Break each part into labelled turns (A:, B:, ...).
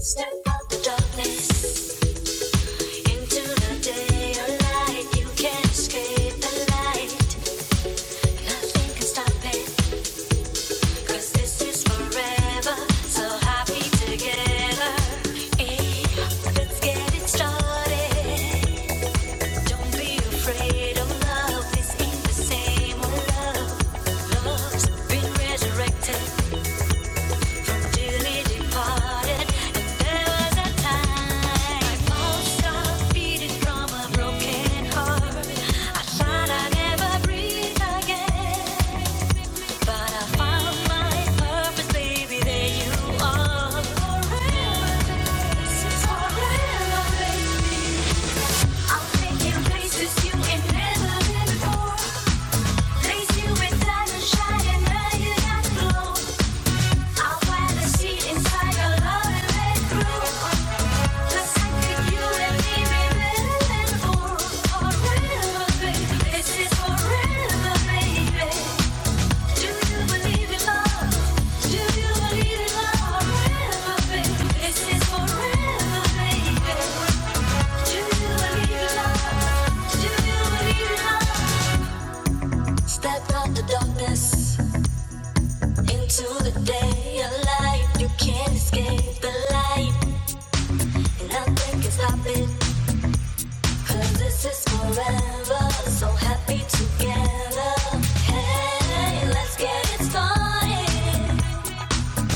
A: Step out the darkness into the day of light. You can't escape the light. Nothing can stop it, 'cause this is forever. So happy together. Eh, let's get it started. Don't be afraid of love. This ain't the same old love. Love's been resurrected. Places you in never been before. Place you with sunshine and now glow. I wanna see inside your love and let through. you and me, baby, for forever, baby. This is forever, baby. Do you believe in love? Do you believe in love? Forever, baby. This is forever, baby. Do you believe in love? Do you believe in love? Step out the darkness into the day. A light you can't escape. The light. Nothing can stop it, cause this is forever. So happy together. Hey, let's get it started.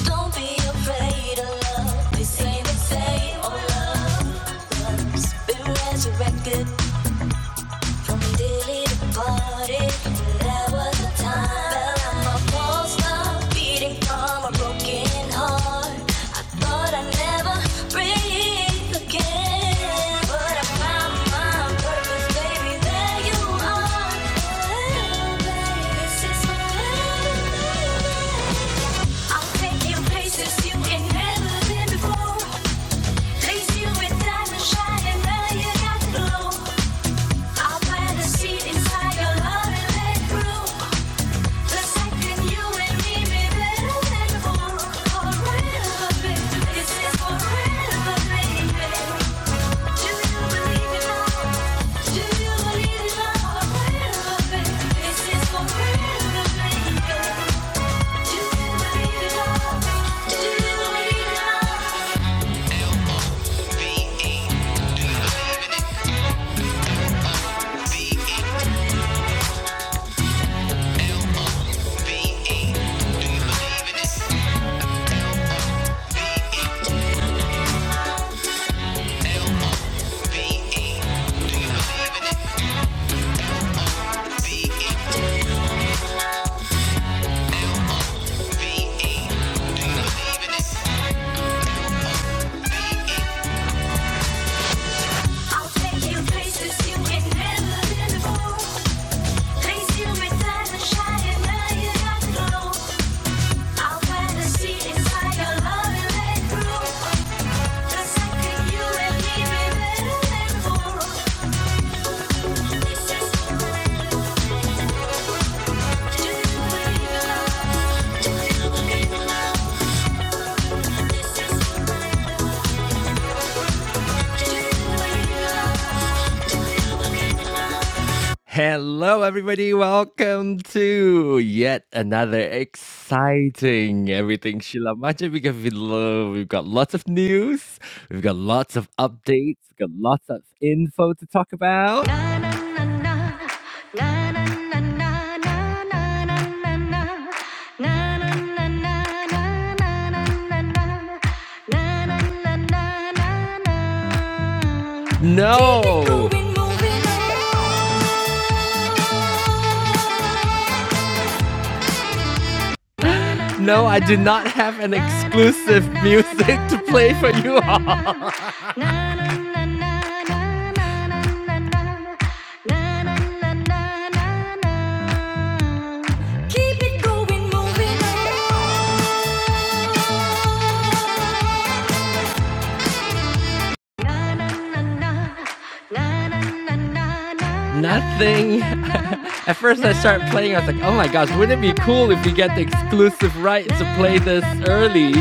A: Don't be afraid of love. This ain't the same old love. It's been resurrected. Place you in diamond shining, now you got the glow. I'll plant a seed inside your love and let it grow. The second you and me meet, better than before. Forever, baby. This is forever, baby. Do you believe in love? Do you believe in love? Forever, baby. This is forever, baby. Do you believe in love? Do you believe in love? I'll take you places you ain't never been before. Place you inside and shine and now you got the glow. I wanna see inside your love and let it grow. The second you and me we better than before. This is the way. Do you believe in love? Do you believe in love? This is the way. Do you believe in love? Do you believe in love? Hello, everybody. Welcome to yet another exciting Everything Sheila Majid. We got We've got lots of news. We've got lots of updates. We've got lots of info to talk about. Na na na na, na na na na na na na na na, na na na na na na na na na, na na na na na na. Keep it No. going, moving on. No, I do not have an exclusive music to play for you all. Keep it going, moving on. Nothing. At first, I started playing. I was like, oh my gosh, wouldn't it be cool if we get the exclusive rights to play this early?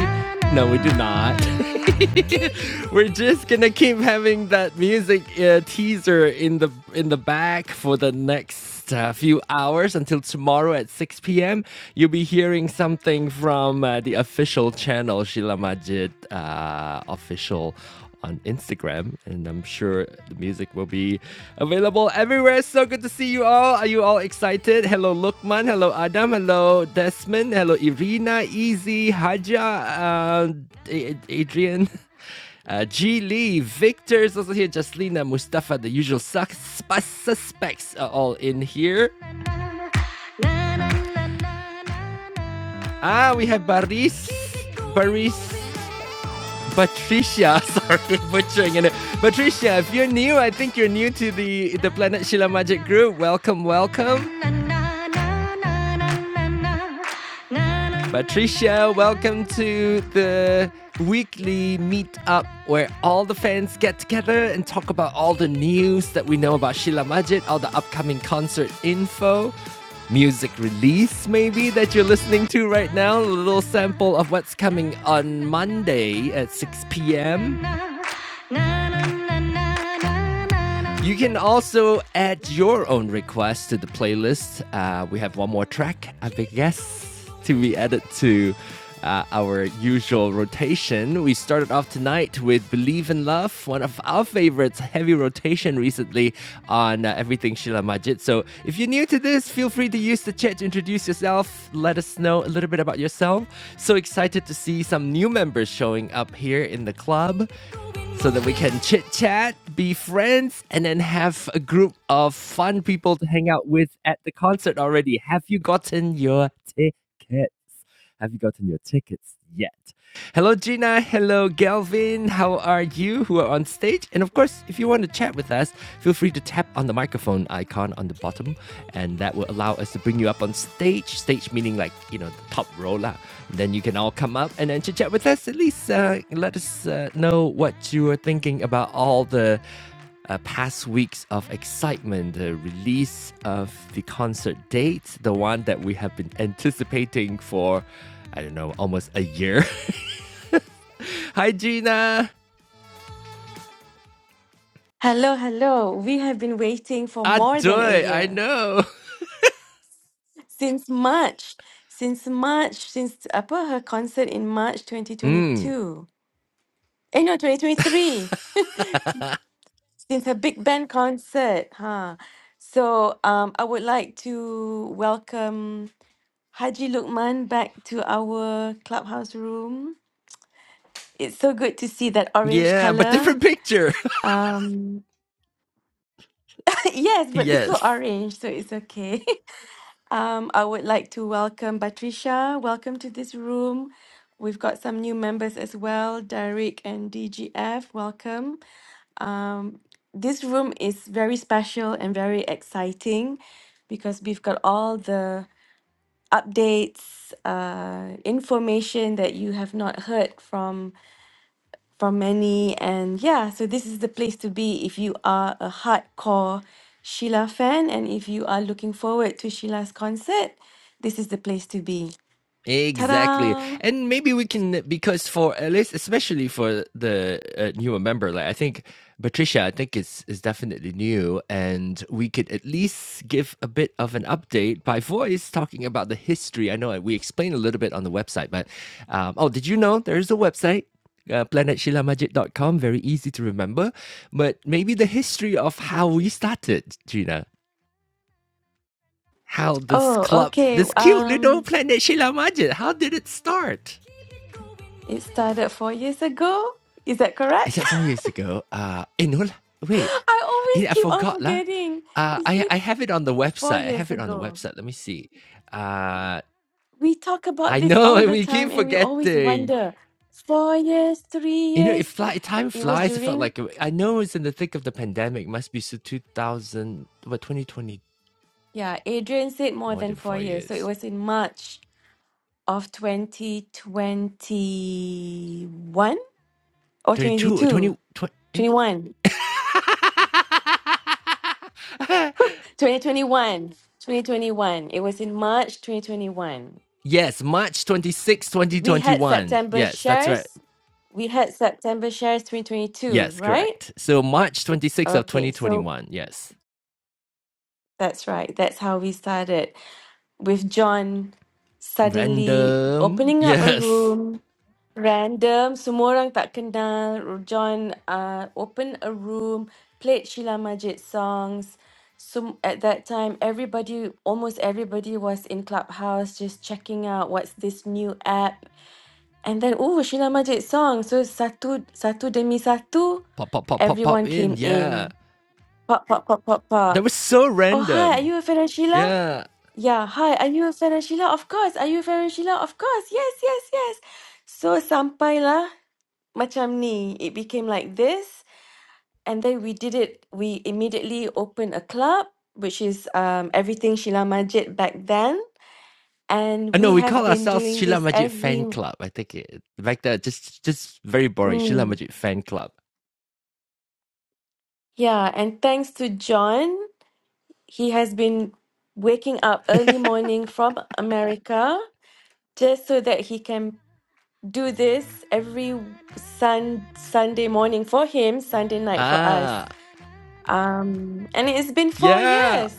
A: No, we do not. We're just gonna keep having that music uh, teaser in the in the back for the next uh, few hours until tomorrow at 6 p.m. You'll be hearing something from uh, the official channel, Sheila Majid uh, official on Instagram, and I'm sure the music will be available everywhere. So good to see you all. Are you all excited? Hello, Lukman. Hello, Adam. Hello, Desmond. Hello, Irina, Easy, Haja, uh, Adrian. Uh, G Lee, Victor is also here. Jaslina, Mustafa, the usual suspects are all in here. Ah, we have Baris, Baris, Patricia, sorry, butchering it. Patricia, if you're new, I think you're new to the the Planet Shila Magic Group. Welcome, welcome. Patricia, welcome to the weekly meet up where all the fans get together and talk about all the news that we know about Shila Majid, all the upcoming concert info music release, maybe, that you're listening to right now. A little sample of what's coming on Monday at 6 p.m. You can also add your own request to the playlist. Uh, we have one more track, I guess, to be added to uh, our usual rotation. We started off tonight with Believe in Love, one of our favorites, heavy rotation recently on uh, everything Sheila Majid. So if you're new to this, feel free to use the chat to introduce yourself, let us know a little bit about yourself. So excited to see some new members showing up here in the club so that we can chit chat, be friends, and then have a group of fun people to hang out with at the concert already. Have you gotten your ticket? Have you gotten your tickets yet? Hello, Gina. Hello, Galvin. How are you who are on stage? And of course, if you want to chat with us, feel free to tap on the microphone icon on the bottom, and that will allow us to bring you up on stage. Stage meaning like, you know, the top row. lah. Then you can all come up and then chat with us. At least uh, let us uh, know what you are thinking about all the uh, past weeks of excitement, the release of the concert dates the one that we have been anticipating for, I don't know, almost a year. Hi, Gina.
B: Hello, hello. We have been waiting for more than a
A: Adoy, I
B: year.
A: know.
B: Since March. Since March, since apa her concert in March
A: Mm,
B: 2022. Eh no, 2023. Since her big band concert, huh? So um I would like to welcome Haji Lukman back to our clubhouse room. It's so good to see that orange
A: yeah, but
B: color.
A: different picture.
B: Um yes, but it's still
A: yes.
B: orange, so it's okay. Um, I would like to welcome Patricia. Welcome to this room. We've got some new members as well, Derek and DGF. Welcome. Um, this room is very special and very exciting because we've got all the updates, uh, information that you have not heard from for many. And yeah, so this is the place to be if you are a hardcore Sheila fan and if you are looking forward to Sheila's concert, this is the place to be. Ta
A: Exactly.
B: da!
A: And maybe we can, because for at least, especially for the uh, newer member, like I think Patricia, I think is, is definitely new, and we could at least give a bit of an update by voice talking about the history. I know we explained a little bit on the website, but um, oh, did you know there is a website? Uh, planet sheila majid dot com? very easy to remember, but maybe the history of how we started, Gina. How this
B: Oh,
A: club,
B: okay.
A: this cute little
B: Um,
A: planet Sheila Majid, how did it start?
B: it started four years ago. Is that
A: Is
B: correct?
A: that four years ago? Uh, eh, no, wait,
B: I
A: eh,
B: always
A: I
B: keep on
A: forgot lah.
B: forgetting.
A: Uh,
B: Is
A: I
B: it
A: I have it on the
B: four
A: website. I
B: years
A: have it on the
B: ago?
A: website. Let me see. Uh,
B: We talk about
A: I
B: this
A: know
B: all the
A: we keep
B: time and we always
A: forgetting.
B: wonder. Four years, three
A: You know, if
B: years.
A: fly, time
B: It was
A: flies, it felt
B: during
A: like I know it's in the thick of the pandemic. Must be so two thousand, what twenty twenty
B: Yeah, Adrian said more
A: more
B: than
A: than
B: four
A: four
B: years. So it
A: years.
B: was in March of 2021 or
A: 22, 20
B: 22,
A: twenty. eh?
B: 21, 2021, 2021. It was in March 2021.
A: yes, March 26,
B: We had
A: 2021.
B: September
A: Yes, that's right.
B: shares. We had September shares 2022,
A: Yes,
B: right?
A: correct. So March 26th of
B: Okay, so
A: 2021. Yes.
B: that's right. That's how we started with John suddenly
A: Random.
B: opening up a
A: Yes.
B: room Random, semua orang tak kenal. John uh, opened a room, played Sheila Majid songs. So at that time, everybody, almost everybody was in Clubhouse just checking out what's this new app. And then, oh, Sheila Majid song. So satu, satu demi satu,
A: Pop, pop, pop, pop, pop
B: everyone
A: in.
B: came
A: Yeah.
B: in. Pop, pop, pop, pop,
A: That
B: pop.
A: was so
B: Oh, hi, are
A: random.
B: you a fan of Sheila?
A: Yeah.
B: Yeah, hi, are you a fan of Sheila? Of course. Are you a fan of Sheila? Of course. Yes, yes, yes. So sampailah macam ni it became like this and then we did it we immediately opened a club which is um everything Sheila Majid back then
A: I
B: and
A: know
B: we
A: we
B: have
A: call
B: been
A: ourselves
B: doing
A: Sheila
B: this
A: Majid
B: every
A: Fan Club. I think it back there just just very boring.
B: mm,
A: Sheila Majid Fan Club.
B: yeah and thanks to John he has been waking up early morning from America just so that he can do this every sun Sunday morning for him Sunday night for us
A: Ah.
B: Um, and it's been four
A: Yeah.
B: years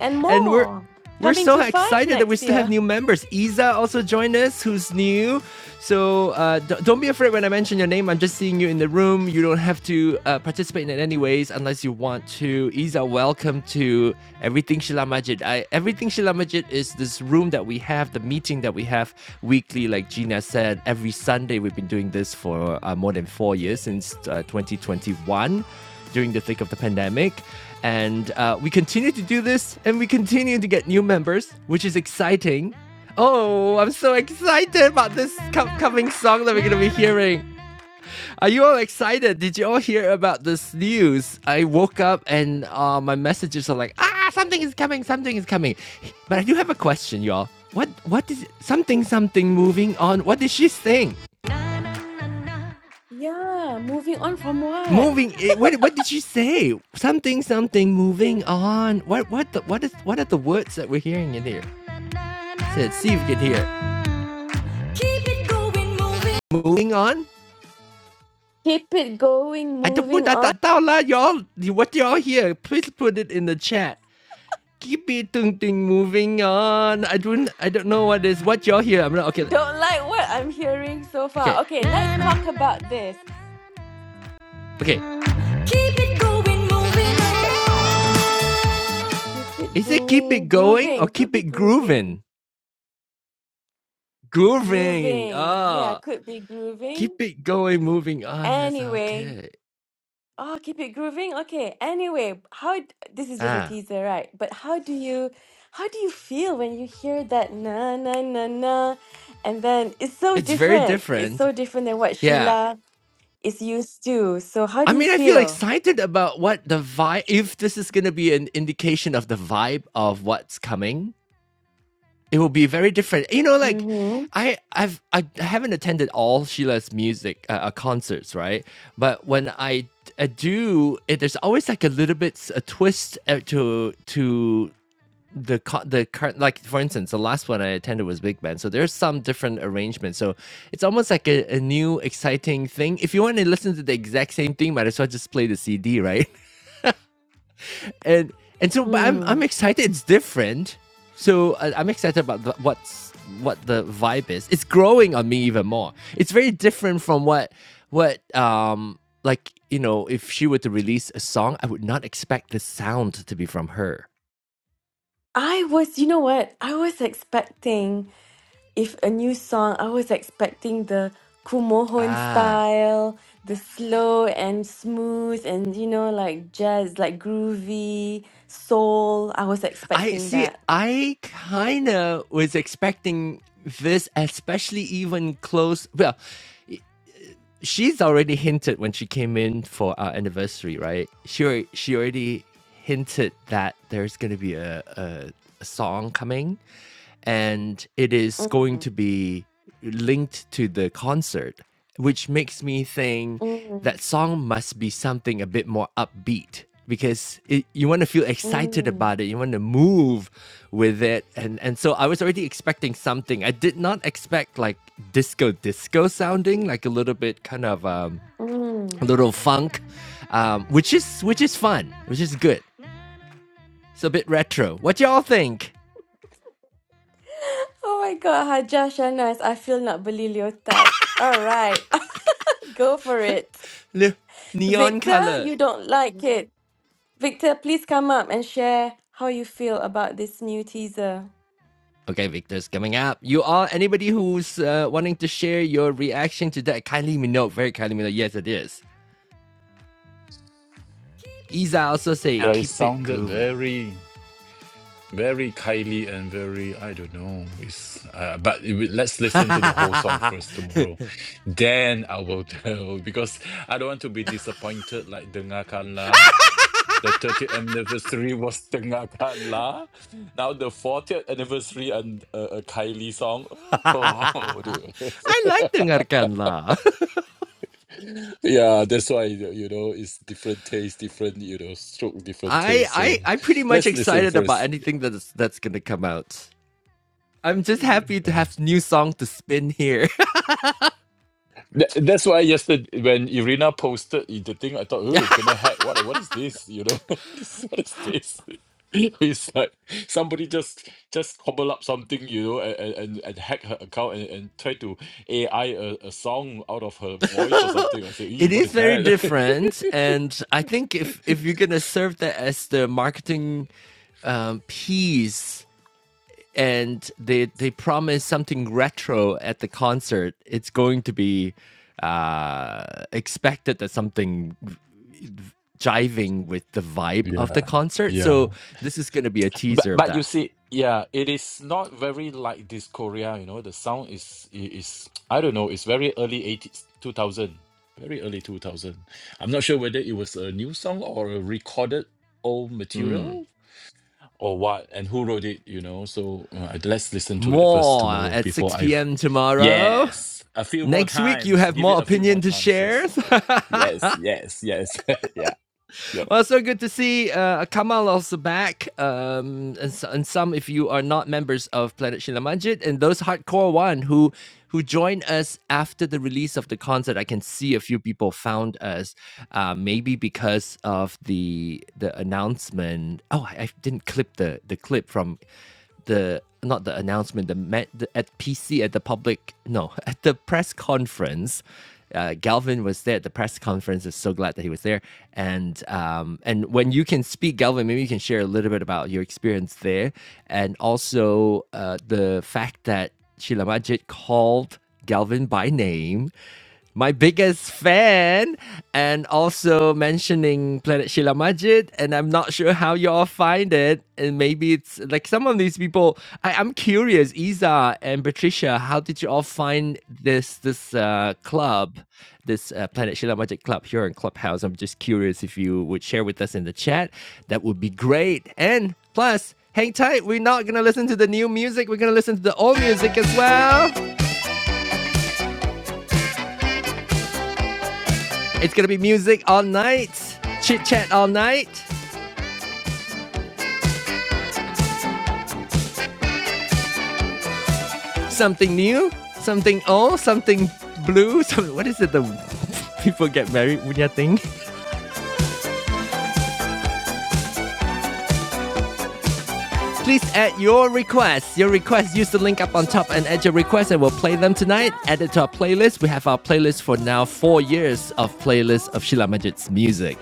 B: and
A: and we're
B: more,
A: we're
B: coming
A: so
B: to five
A: excited that we
B: next
A: still have
B: year.
A: new members. Isa also joined us, who's new. So uh, d- don't be afraid when I mention your name. I'm just seeing you in the room. You don't have to uh, participate in it anyways, unless you want to. Isa, welcome to Everything Shila Majid. I, Everything Shila Majid is this room that we have, the meeting that we have weekly. Like Gina said, every Sunday we've been doing this for uh, more than four years since uh, 2021 during the thick of the pandemic. And uh, we continue to do this and we continue to get new members, which is exciting. Oh, I'm so excited about this co- coming song that we're going to be hearing. Are you all excited? Did you all hear about this news? I woke up and uh, my messages are like, ah, something is coming, something is coming. But I do have a question, y'all. What, what is it? something, something moving on? What did she sing?
B: Yeah, moving on from what?
A: Moving. eh, What? What did she say? Something. Something. Moving on. What? What? The, what is? What are the words that we're hearing in here? So, Let's see if you can hear. Keep it going, moving. Moving on.
B: Keep it going,
A: I don't want
B: moving
A: that
B: on.
A: that down lah, y'all. What y'all hear? Please put it in the chat. Keep it ting ting moving on. I don't. I don't know what is what y'all hear. I'm not okay.
B: Don't like what I'm hearing so
A: Okay.
B: far. Okay, let's talk about this.
A: Okay. Keep it going, moving. on.
B: Keep it
A: Is it keep it
B: going,
A: going
B: grooving.
A: or
B: Could
A: keep
B: be
A: it
B: grooving.
A: grooving? Grooving. Ah.
B: Grooving.
A: Oh.
B: Yeah, could be
A: keep
B: grooving.
A: it going, moving on. That's
B: Anyway,
A: okay.
B: Oh, keep it grooving. Okay. Anyway, how d- this is just a
A: Ah,
B: teaser, right? But how do you how do you feel when you hear that na na na na? And then it's so
A: it's very
B: different. It's
A: different.
B: so different than what
A: Yeah.
B: Sheila is used to. So how
A: I
B: do you
A: mean, I feel
B: feel?
A: excited about what the vibe, if this is going to be an indication of the vibe of what's coming, it will be very different. You know, like,
B: Mm-hmm.
A: I, I've, I haven't attended all Sheila's music uh, uh, concerts, right? But when I, I do, it, there's always like a little bit a twist uh, to to the the current like for instance the last one i attended was big band so there's some different arrangements so it's almost like a, a new exciting thing if you want to listen to the exact same thing might as well just play the cd right and and so but i'm
B: Hmm.
A: i'm excited it's different so uh, i'm excited about the, what's what the vibe is it's growing on me even more it's very different from what what um like you know if she were to release a song i would not expect the sound to be from her
B: I was, you know what? I was expecting. if a new song, I was expecting the Kumohon
A: ah
B: style, the slow and smooth and you know like jazz, like groovy soul. I was
A: I
B: expecting
A: see.
B: that.
A: I kind of was expecting this, especially even close. Well, she's already hinted when she came in for our anniversary, right? She she already hinted that there's gonna be a, a, a song coming, and it is going
B: Mm,
A: to be linked to the concert, which makes me think
B: mm,
A: that song must be something a bit more upbeat because it, you want to feel excited
B: mm,
A: about it you want to move with it and and so i was already expecting something i did not expect like disco disco sounding like a little bit kind of um a
B: mm.
A: little funk um which is which is fun which is good it's a bit retro what y'all think
B: Oh my god, Hajah Shanas, I feel nak beli leotard. All right, go for it.
A: Le- neon
B: Victor,
A: color
B: you don't like it. Victor, please come up and share how you feel about this new teaser.
A: okay victor's coming up you all anybody who's uh, wanting to share your reaction to that kindly me know very kindly me know yes it is isa also say
C: Yeah, it
A: keep it
C: sounded
A: grooving
C: very, very Kylie and very, I don't know. It's, uh, but it, will- let's listen to the whole song
A: I
C: first tomorrow. Then I will tell because I don't want to be disappointed like Dengarkanlah. The 30th anniversary was Dengarkanlah. Now the 40th anniversary and uh, a Kylie song. Oh, dear.
A: like dengarkan lah.
C: yeah, that's why, you know, it's different taste, different, you know, stroke, different
A: I
C: taste. So
A: I I'm pretty much
C: let's listen
A: excited about
C: first.
A: anything that's that's gonna come out. I'm just happy to
C: Yeah.
A: have new song to spin here.
C: Tha- That's why yesterday when Irina posted i- the thing, I thought,
A: Yeah,
C: oh, gonna hack. What what is this? You know, what is what is this? It's like somebody just just cobble up something, you know, and and, and and hack her account and, and try to AI a, a song out of her voice or something. I said, "Ee,
A: it
C: what
A: is
C: is
A: very
C: that?
A: different, and I think if if you're gonna serve that as the marketing um, piece, and they they promise something retro at the concert, it's going to be uh expected that something jiving with the vibe of the
C: yeah.
A: concert.
C: Yeah.
A: So this is going to be a
C: But
A: teaser of
C: but you
A: that.
C: see, yeah, it is not very like this Korea, you know. The sound is i- is I don't know, it's very early 80s, 2000, very early 2000. I'm not sure whether it was a new song or a recorded old material or what and who wrote it, you know. So uh, I- let's listen to it first
A: More
C: tomorrow
A: at
C: before
A: 6
C: I
A: p.m. tomorrow.
C: Yes, a few more
A: Next week, you
C: times.
A: have
C: Give
A: more
C: it a few more
A: opinion to share.
C: chances. Y- Yes, yes, yes. yeah. Yep.
A: Well, so good to see uh, Kamal also back, um, and, so, and some if you are not members of Planet Shilamanjit, and those hardcore one who who joined us after the release of the concert. I can see a few people found us, uh, maybe because of the the announcement. Oh, I, I didn't clip the the clip from the not the announcement, the, the at PC at the public no at the press conference. Uh, Galvin was there at the press conference. Is so glad that he was there. And um, and when you can speak, Galvin, maybe you can share a little bit about your experience there, and also uh, the fact that Sheila Majid called Galvin by name my biggest fan, and also mentioning Planet Sheila Majid. And I'm not sure how y'all find it. And maybe it's like some of these people. I, I'm curious, Isa and Patricia, how did you all find this this uh, club, this uh, Planet Sheila Majid club here in Clubhouse? I'm just curious if you would share with us in the chat. That would be great. And plus. Hang tight, we're not gonna listen to the new music, we're gonna listen to the old music as well. It's gonna be music all night, chit chat all night, something new, something old, something blue. Some, what is it? The people get married Wunya thing. Please add your requests. Your requests. Use the link up on top and add your requests, and we'll play them tonight. Add it to our playlist. We have our playlist for now. Four years of playlist of Sheila Majid's music.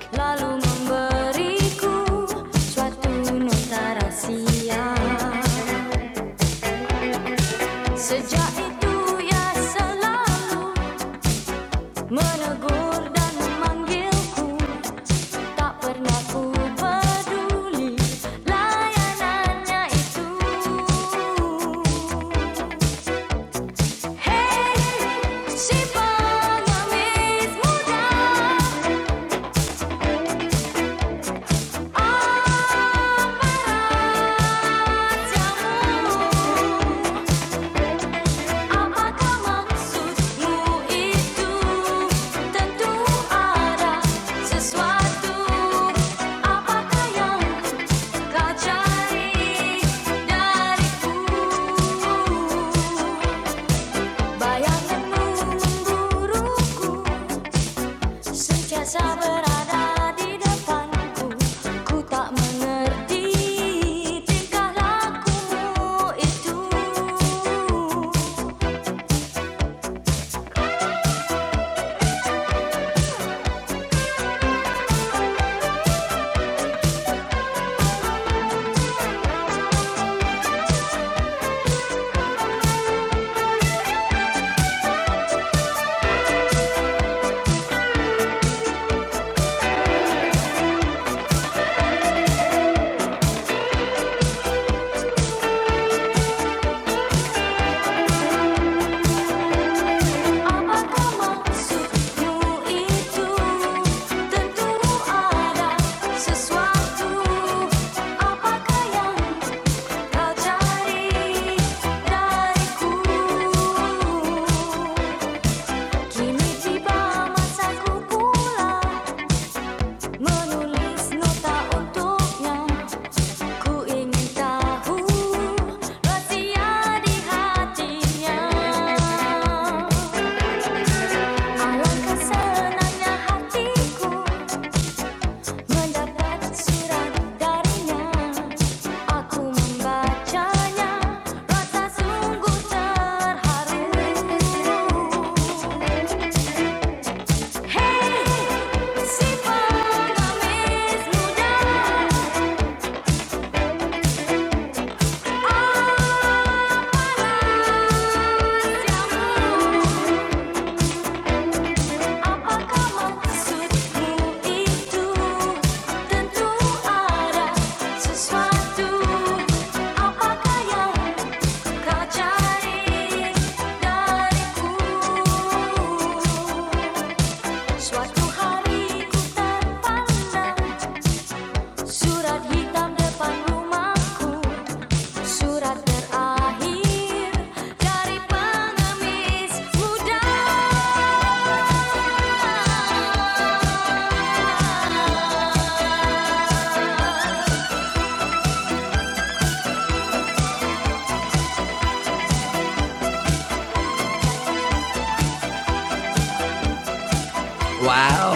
A: Sejak itu ia selalu Menegur dan memanggilku Tak pernah ku peduli Layanannya itu Hey, si pengemis muda Apa rahasiamu? Apakah maksudmu itu? Tentu ada sesuatu. Apakah yang kau cari dariku? Bayangan memburuku sentiasa berada di depanku. Ku tak mengerti tingkah lakumu itu. Apa maksudmu itu? Tentu ada sesuatu. Apakah yang kau cari dariku? Kini tiba masaku pula menulis nota untuknya. Ku ingin tahu rahasia di hatinya. Alangkah senangnya hatiku mendapat surat darinya. Aku membacanya, rasa sungguh terharu. Hey, si pengemis muda, apa rahasiamu? Maka maksudmu itu tentu ada sesuatu. Apakah yang kau cari dariku? Suatu hari ku terpandang surat hitam depan rumahku, surat terakhir dari pengemis muda. Wow.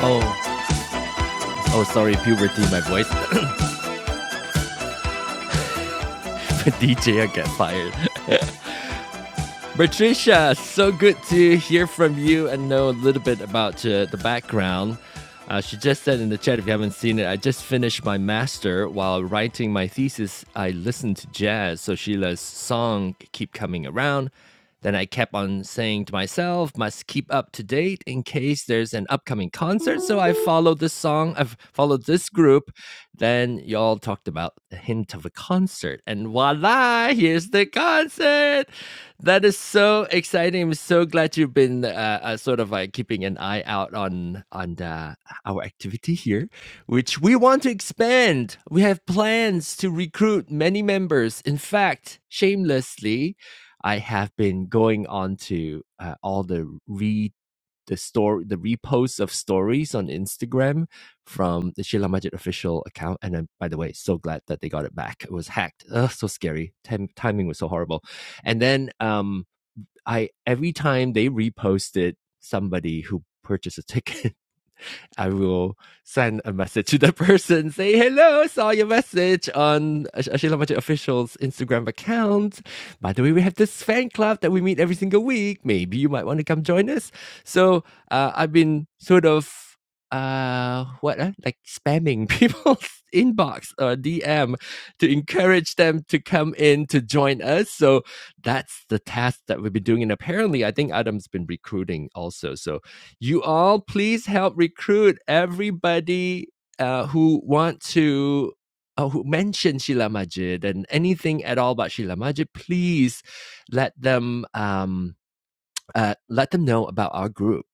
A: Oh, sorry, puberty, my voice. DJ, I get fired. Patricia, so good to hear from you and know a little bit about uh, the background. Uh, she just said in the chat, if you haven't seen it, I just finished my master while writing my thesis. I listened to jazz, so Sheila's song keep coming around. Then I kept on saying to myself, must keep up to date in case there's an upcoming concert. So I followed this song, I've followed this group. Then y'all talked about the hint of a concert, and voila, here's the concert. That is so exciting. I'm so glad you've been uh, uh, sort of like keeping an eye out on on the, our activity here, which we want to expand. We have plans to recruit many members. In fact, shamelessly, I have been going on to uh, all the the story, the reposts of stories on Instagram from the Sheila Majid official account. And I'm, by the way, so glad that they got it back. It was hacked. Ugh, so scary. Tim- timing was so horrible. And then um, I every time they reposted somebody who purchased a ticket, I will send a message to the person, say, hello, saw your message on Ash- Ashila Majid Official's Instagram account. By the way, we have this fan club that we meet every single week. Maybe you might want to come join us. So uh, I've been sort of, uh, what, uh, like spamming people's inbox or DM to encourage them to come in to join us. So that's the task that we've been doing. And apparently, I think Adam's been recruiting also. So you all please help recruit everybody uh, who want to uh, who mention Sheila Majid and anything at all about Sheila Majid. Please let them. Um, uh, let them know about our group.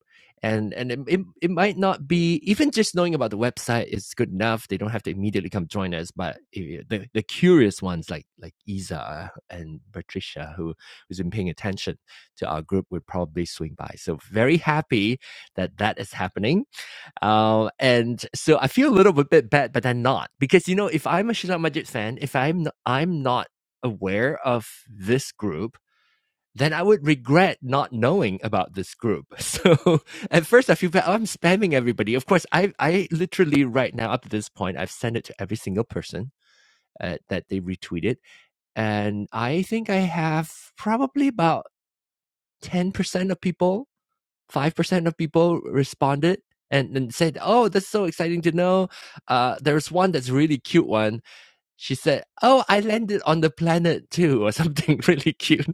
A: And and it, it, it might not be even just knowing about the website is good enough. They don't have to immediately come join us, but eh, the, the curious ones like like Isa and Patricia, who who's been paying attention to our group, would probably swing by. So very happy that that is happening. Uh, and so I feel a little bit bad, but I'm not because you know if I'm a Shila Majid fan, if I'm not, I'm not aware of this group then I would regret not knowing about this group. So at first I feel bad. Oh, I'm spamming everybody. Of course, I, I literally right now up to this point, I've sent it to every single person uh, that they retweeted. And I think I have probably about 10% of people, 5% of people responded and, and said, Oh, that's so exciting to know. Uh, there's one that's really cute one. She said, Oh, I landed on the planet too, or something really cute.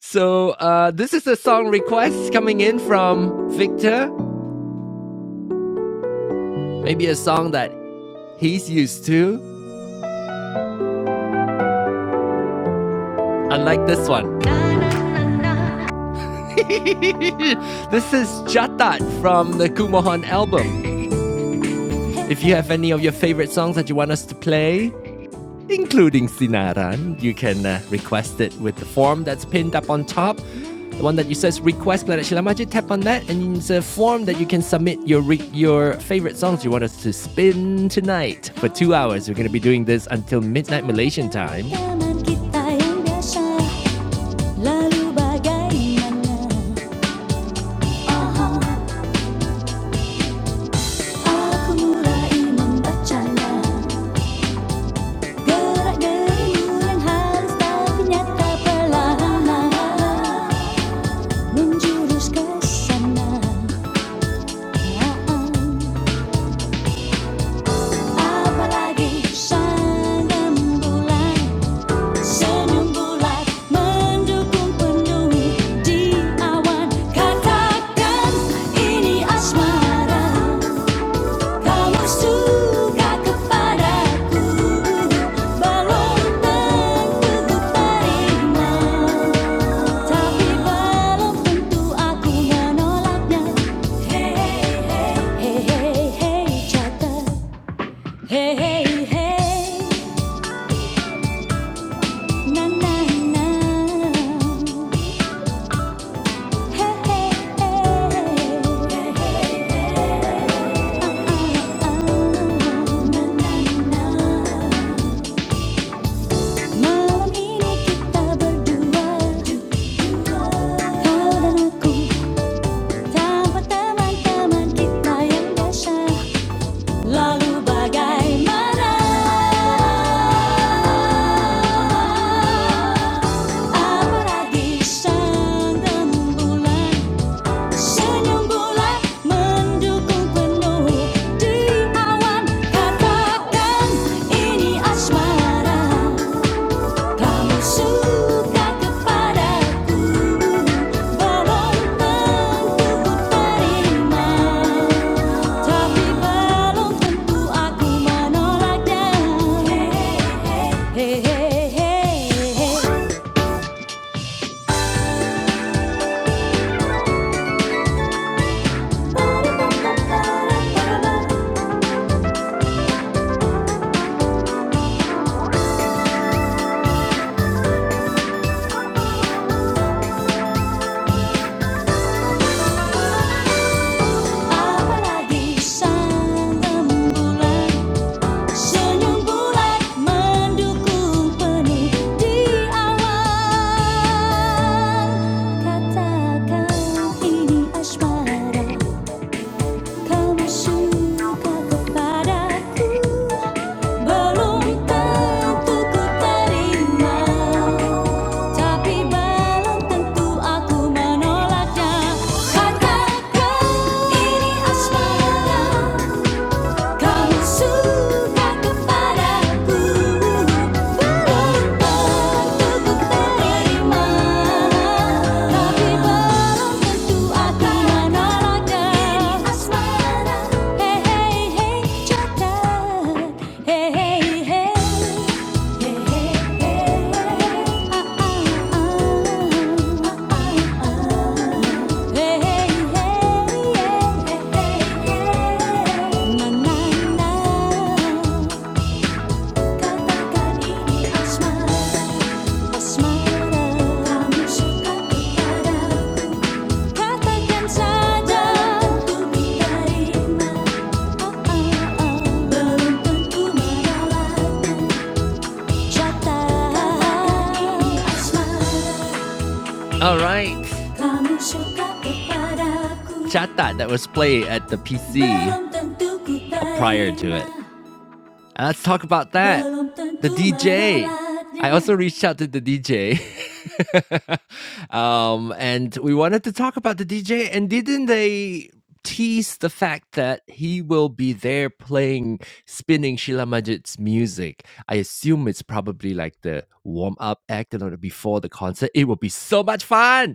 A: So uh, this is a song request coming in from Victor. Maybe a song that he's used to, unlike this one. this is Jatat from the Kumohon album. If you have any of your favorite songs that you want us to play, including Sinaran. You can uh, request it with the form that's pinned up on top. The one that you says request Planet Shilamaji, tap on that, and it's a form that you can submit your re- your favorite songs you want us to spin tonight for two hours. We're gonna be doing this until midnight Malaysian time. menjuruskan sana apalagi sang senyum bulat mendukung penuh di awan katakan ini asmara Kau suka kepadaku, belum tentu terima, tapi belum tentu aku menolaknya. Hey hey hey hey hey catat, hey hey hey na na na, hey hey hey hey hey ah ah ah na na na. Malam ini kita berdua Kau dan aku teman-teman kita yang biasa Lalu bagaimana Apalagi sang rembulan Senyum bulan mendukung penuh Di awan katakan ini asmara Kamu suka kepadaku, belum tentu terima, tapi belum tentu aku menolaknya. Hey, hey, hey, hey, hey. Apalagi sang bulan Senyum bulat mendukung penuh di awan Katakan ini asmara Kamu suka kepadaku Belum tentu ku terima Tapi belum tentu aku menolaknya Katakan ini asmara Kau suka kepadaku Belum tentu terima Tapi belum tentu akan menolaknya Ini asmara Hei hei hei jodoh Hei Asmara, kamu suka kepada Katakan saja untuk diterima Oh oh oh, belum tentu merelakan all right, Kamu Chata that was played at the PC prior to it. And let's talk about that. The DJ. I also reached out to the DJ. um, and we wanted to talk about the DJ. And didn't they tease the fact that he will be there playing, spinning Sheila Majid's music? I assume it's probably like the warm up act you know, before the concert. It will be so much fun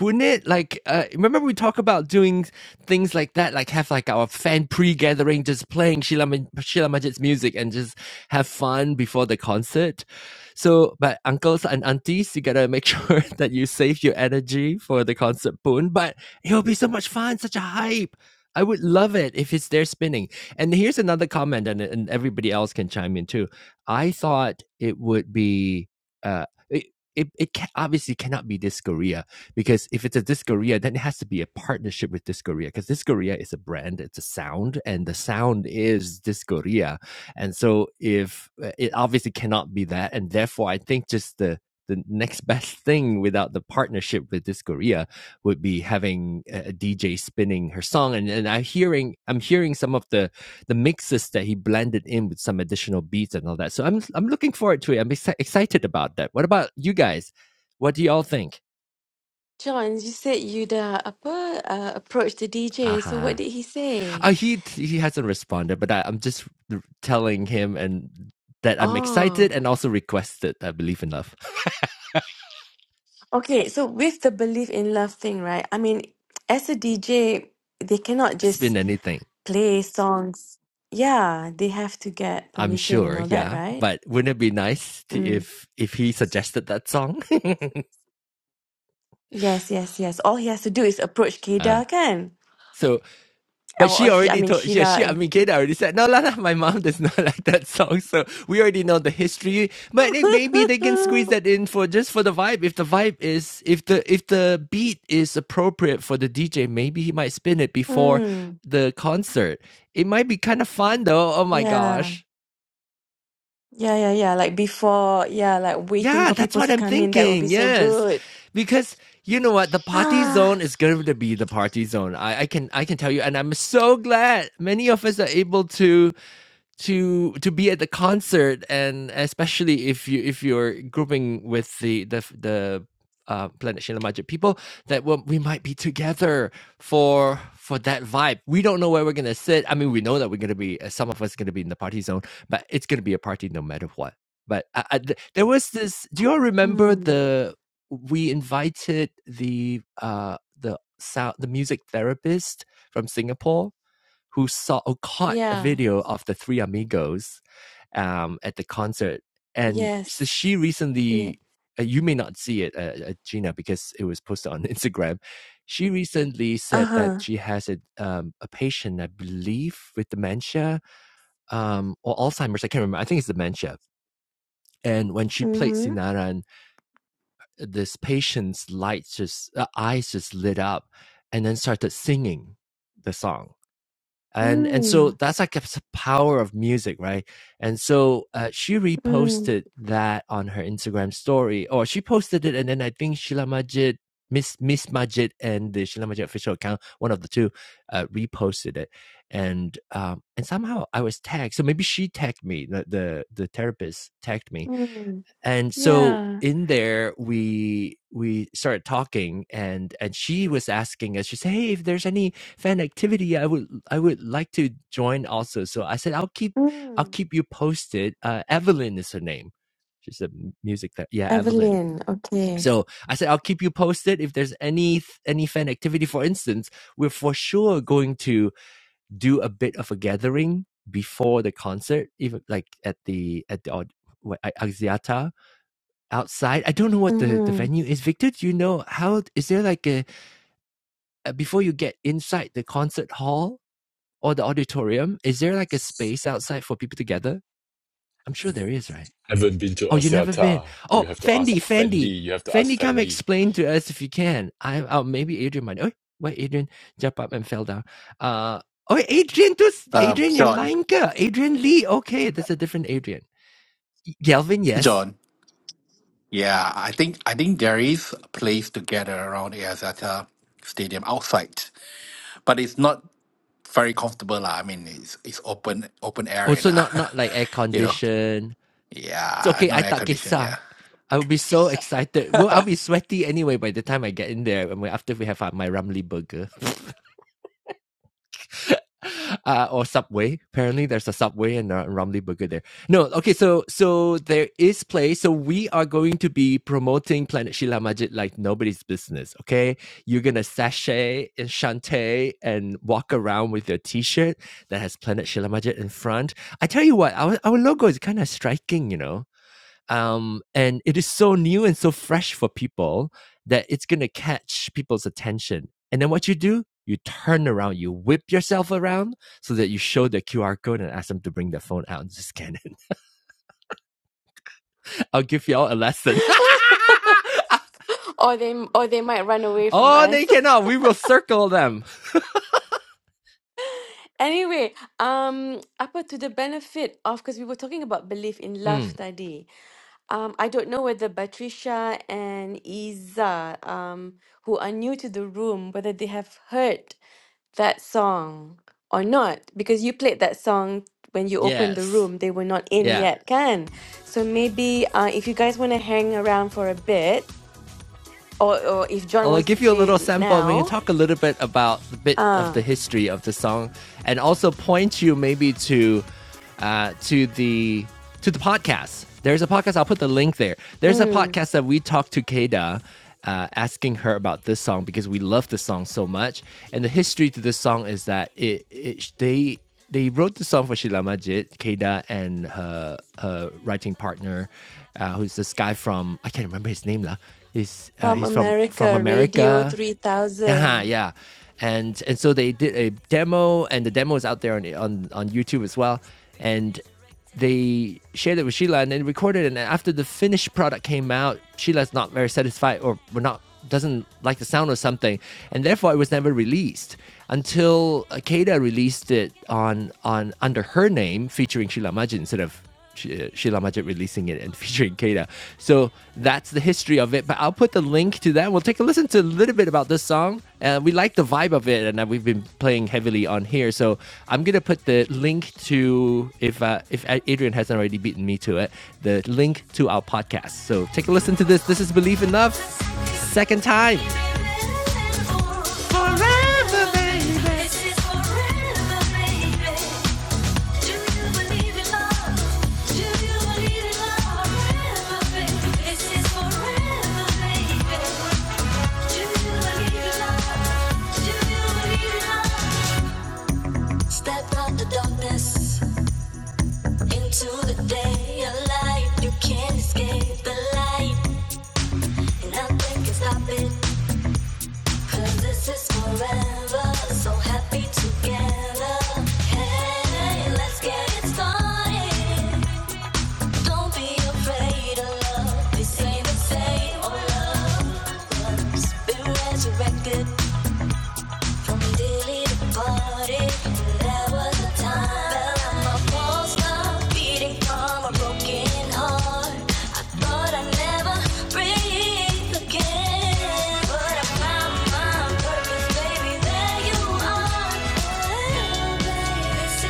A: wouldn't it? Like, uh, remember we talk about doing things like that, like have like our fan pre-gathering, just playing Sheila, Ma- Sheila Majid's music and just have fun before the concert. So, but uncles and aunties, you gotta make sure that you save your energy for the concert boon. But it'll be so much fun, such a hype. I would love it if it's there spinning. And here's another comment, and, and everybody else can chime in too. I thought it would be. Uh, it, it, it ca- obviously cannot be this because if it's a Discoria, then it has to be a partnership with Discoria because Discoria is a brand, it's a sound, and the sound is Discoria. And so if uh, it obviously cannot be that, and therefore I think just the the next best thing without the partnership with Discoria would be having a DJ spinning her song, and and I hearing I'm hearing some of the the mixes that he blended in with some additional beats and all that. So I'm I'm looking forward to it. I'm excited about that. What about you guys? What do y'all think?
B: John, you said you dah apa uh, approach the DJ. So
A: Uh-huh.
B: what did he say?
A: Uh, he he hasn't responded, but I, I'm just r- telling him and that I'm
B: Oh,
A: excited and also requested. I believe in love.
B: okay. So with the belief in love thing, right? I mean, as a DJ, they cannot
A: Spin
B: just
A: anything.
B: play songs. Yeah, they have to get
A: I'm
B: permission and
A: sure,
B: all that,
A: yeah.
B: right?
A: But wouldn't it be nice to,
B: Mm.
A: if if he suggested that song?
B: Yes, yes, yes. All he has to do is approach
A: ah.
B: Keda, can?
A: So But
B: Or,
A: she
B: or she, I
A: already
B: mean
A: told, yeah,
B: Sheila
A: she, I
B: and.
A: mean, Keda already said, no, Lana, my mom does not like that song. So we already know the history, but it, maybe they can squeeze that in for just for the vibe. If the vibe is, if the, if the beat is appropriate for the DJ, maybe he might spin it before
B: mm.
A: the concert. It might be kind of fun though. Oh my
B: Yeah.
A: gosh.
B: Yeah, yeah, yeah. Like before, yeah, like waiting
A: Yeah,
B: for
A: that's
B: people
A: what
B: to
A: I'm
B: come in. That would be
A: thinking.
B: so
A: Yes.
B: good.
A: Because you know what? The party
B: Ah,
A: zone is going to be the party zone. I, I can, I can tell you. And I'm so glad many of us are able to to to be at the concert and especially if you if you're grouping with the the f- the uh, planet Shila Majid people that well, we might be together for for that vibe. We don't know where we're gonna sit. I mean, we know that we're gonna be uh, some of us gonna be in the party zone, but it's gonna be a party no matter what. But I, I, th- there was this. Do you all remember
B: mm,
A: the we invited the uh the sound the music therapist from Singapore? who saw or caught a
B: yeah,
A: video of the three amigos um, at the concert, and so
B: yes,
A: she
B: yeah.
A: recently. Uh, you may not see it, uh, uh, Gina, because it was posted on Instagram. She recently said that
B: Uh-huh.
A: she has a um, a patient, I believe, with dementia um, or Alzheimer's. I can't remember. I think it's dementia. And when she played
B: Mm-hmm.
A: Sinaran, this patient's lights just uh, eyes just lit up, and then started singing the song and and so
B: Mm,
A: that's like the power of music right and so uh, she
B: mm,
A: reposted that on her instagram story or she posted it and then i think sheila majid miss miss majid and the sheila majid official account one of the two uh, reposted it and um and somehow i was tagged so maybe she tagged me the the, the therapist tagged me
B: mm.
A: and so
B: Yeah.
A: in there we we started talking and and she was asking us she said hey if there's any fan activity i would i would like to join also so i said i'll keep i'll
B: Mm.
A: keep you posted uh evelyn is her name she's a music ther- yeah evelyn
B: Evelyn, okay.
A: so i said i'll keep you posted if there's any any fan activity for instance we're for sure going to do a bit of a gathering before the concert even like at the at the aud- Axiata outside. I don't know what the, the
B: Mm-hmm.
A: venue is. Victor, do you know how is there like a uh, before you get inside the concert hall or the auditorium? Is there like a space outside for people to gather? I'm sure there is, right?
C: Haven't been to
A: Oh, you never been.
C: Osiata. You
A: Oh,
C: have to ask
A: Fendi, Fendi,
C: Fendi. You have to ask
A: Fendi, come
C: Fendi.
A: explain to us if you can. I oh maybe Adrian might. Oh, wait, Adrian jumped up and fell down. Uh. Oh, Adrian, tu
D: Um,
A: Adrian yang
D: John,
A: lain ke? Adrian Lee. Okay, that's a different Adrian. Galvin, yes.
D: John. Yeah, I think I think there is a place to gather around the Azata Stadium outside, but it's not very comfortable. lah. I mean, it's it's open open area
A: Also,
D: now.
A: not not like air
D: you know.
A: conditioned It's
D: Yeah,
A: okay.
D: no
A: I
D: air
A: tak
D: condition.
A: kisah.
D: Yeah.
A: I will be so excited. Well, I'll be sweaty anyway by the time I get in there. after we have uh, my Ramly burger. Uh, or subway. Apparently, there's a subway and a Ramly burger there. No, okay. So, so there is play. So we are going to be promoting Planet Shila Majid like nobody's business. Okay, you're gonna sashay and shantay and walk around with your T-shirt that has Planet Shila Majid in front. I tell you what, our our logo is kind of striking. You know, um, and it is so new and so fresh for people that it's going to catch people's attention. And then what you do, you turn around, you whip yourself around so that you show the QR code and ask them to bring their phone out and just scan it. I'll give you all a lesson.
B: Or they or they might run away from
A: oh,
B: us.
A: they cannot. We will circle them.
B: Anyway, um, apa to the benefit of because we were talking about belief in
A: Mm,
B: love tadi. Um, I don't know whether Patricia and Iza, um, who are new to the room, whether they have heard that song or not, because you played that song when you opened the
A: yes.
B: room. They were not in
A: Yeah.
B: yet, can? So maybe uh, if you guys want to hang around for a bit, or or if John
A: I'll
B: wants to
A: give you a
B: play
A: little
B: it
A: sample we can
B: now,
A: talk a little bit about a bit of
B: uh,
A: the history of the song and also point you maybe to uh, to the to the podcast. There's a podcast, I'll put the link there. There's a
B: mm.
A: podcast that we talked to Keda uh, asking her about this song because we love this song so much. And the history to this song is that it, it they they wrote the song for Sheila Majid, Keda, and her her writing partner, uh, who's this guy from I can't remember his name lah. He's uh,
B: From
A: he's from from
B: America Radio
A: America. Yeah,
B: 3000.
A: yeah. And and so they did a demo, and the demo is out there on on, on YouTube as well. And they shared it with Sheila and then recorded. it. And after the finished product came out, Sheila's not very satisfied or we're not doesn't like the sound or something, and therefore it was never released until Akeda released it on on under her name, featuring Sheila Majid instead of Sh- uh, Sheila Majid releasing it and featuring Kata. So that's the history of it. But I'll put the link to that. We'll take a listen to a little bit about this song. Uh, we like the vibe of it, and uh, we've been playing heavily on here. So I'm gonna put the link to if uh, if Adrian hasn't already beaten me to it, the link to our podcast. So take a listen to this. This is Believe Enough, second time. Forever, baby. This is forever, baby. Do you believe in love? Do you believe in love? Forever, baby. This is forever, baby. Do you believe in love? Do you believe in love? Step out the darkness into the day of light. You can't escape the light. Nothing can stop it. 'Cause this is forever. So happy together. Hey, let's get it started. This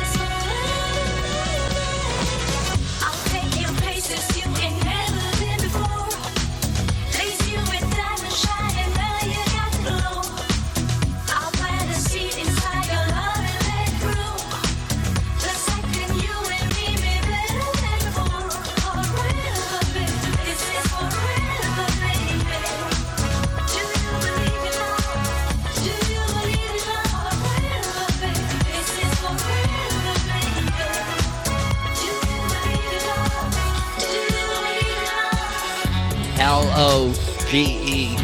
A: is my way. I'll take you places you ain't never been before. Lace you with diamond shine and now you got the glow. I'll plant a seed inside your love and let it grow. The second you and me be better than before. Forever, baby. This is forever, baby. Do you believe in love? Do you believe in love? Forever, baby. This is forever, baby. Do you believe in love? Do you believe in love? L O G E.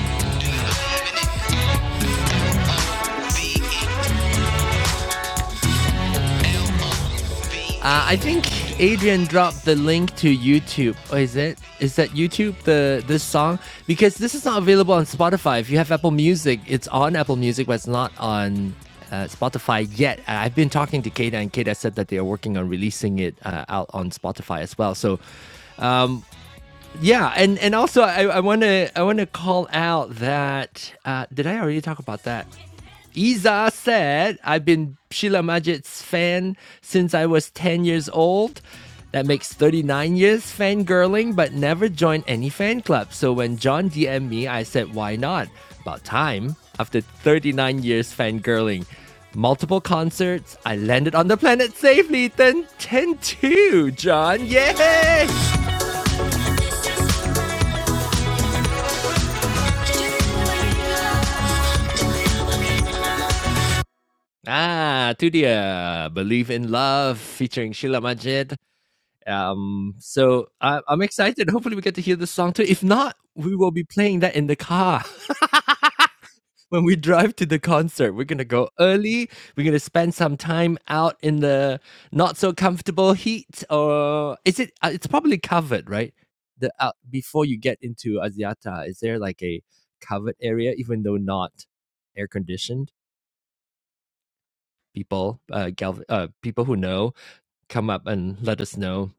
A: Uh, I think Adrian dropped the link to YouTube. Oh, is it? Is that YouTube the this song? Because this is not available on Spotify. If you have Apple Music, it's on Apple Music, but it's not on uh, Spotify yet. Uh, I've been talking to Kata, and Kata said that they are working on releasing it uh, out on Spotify as well. So yeah, and and also I I want to I want to call out that uh, did I already talk about that? Iza said I've been Sheila Majid's fan since I was 10 years old. That makes 39 years fangirling, but never joined any fan club. So when John DM'd me, I said, why not? About time. After 39 years fangirling, multiple concerts, I landed on the planet safely. Then 10 2, John. Yay! Ah, tu dia, Believe in Love featuring Sheila Majid. Um, so I, I'm excited. Hopefully, we get to hear this song too. If not, we will be playing that in the car. when we drive to the concert, we're gonna go early. We're gonna spend some time out in the not so comfortable heat, or is it? Uh, it's probably covered, right? The out before you get into Asiata, is there like a covered area, even though not air conditioned? People, uh, gal- uh, people who know, come up and let us know.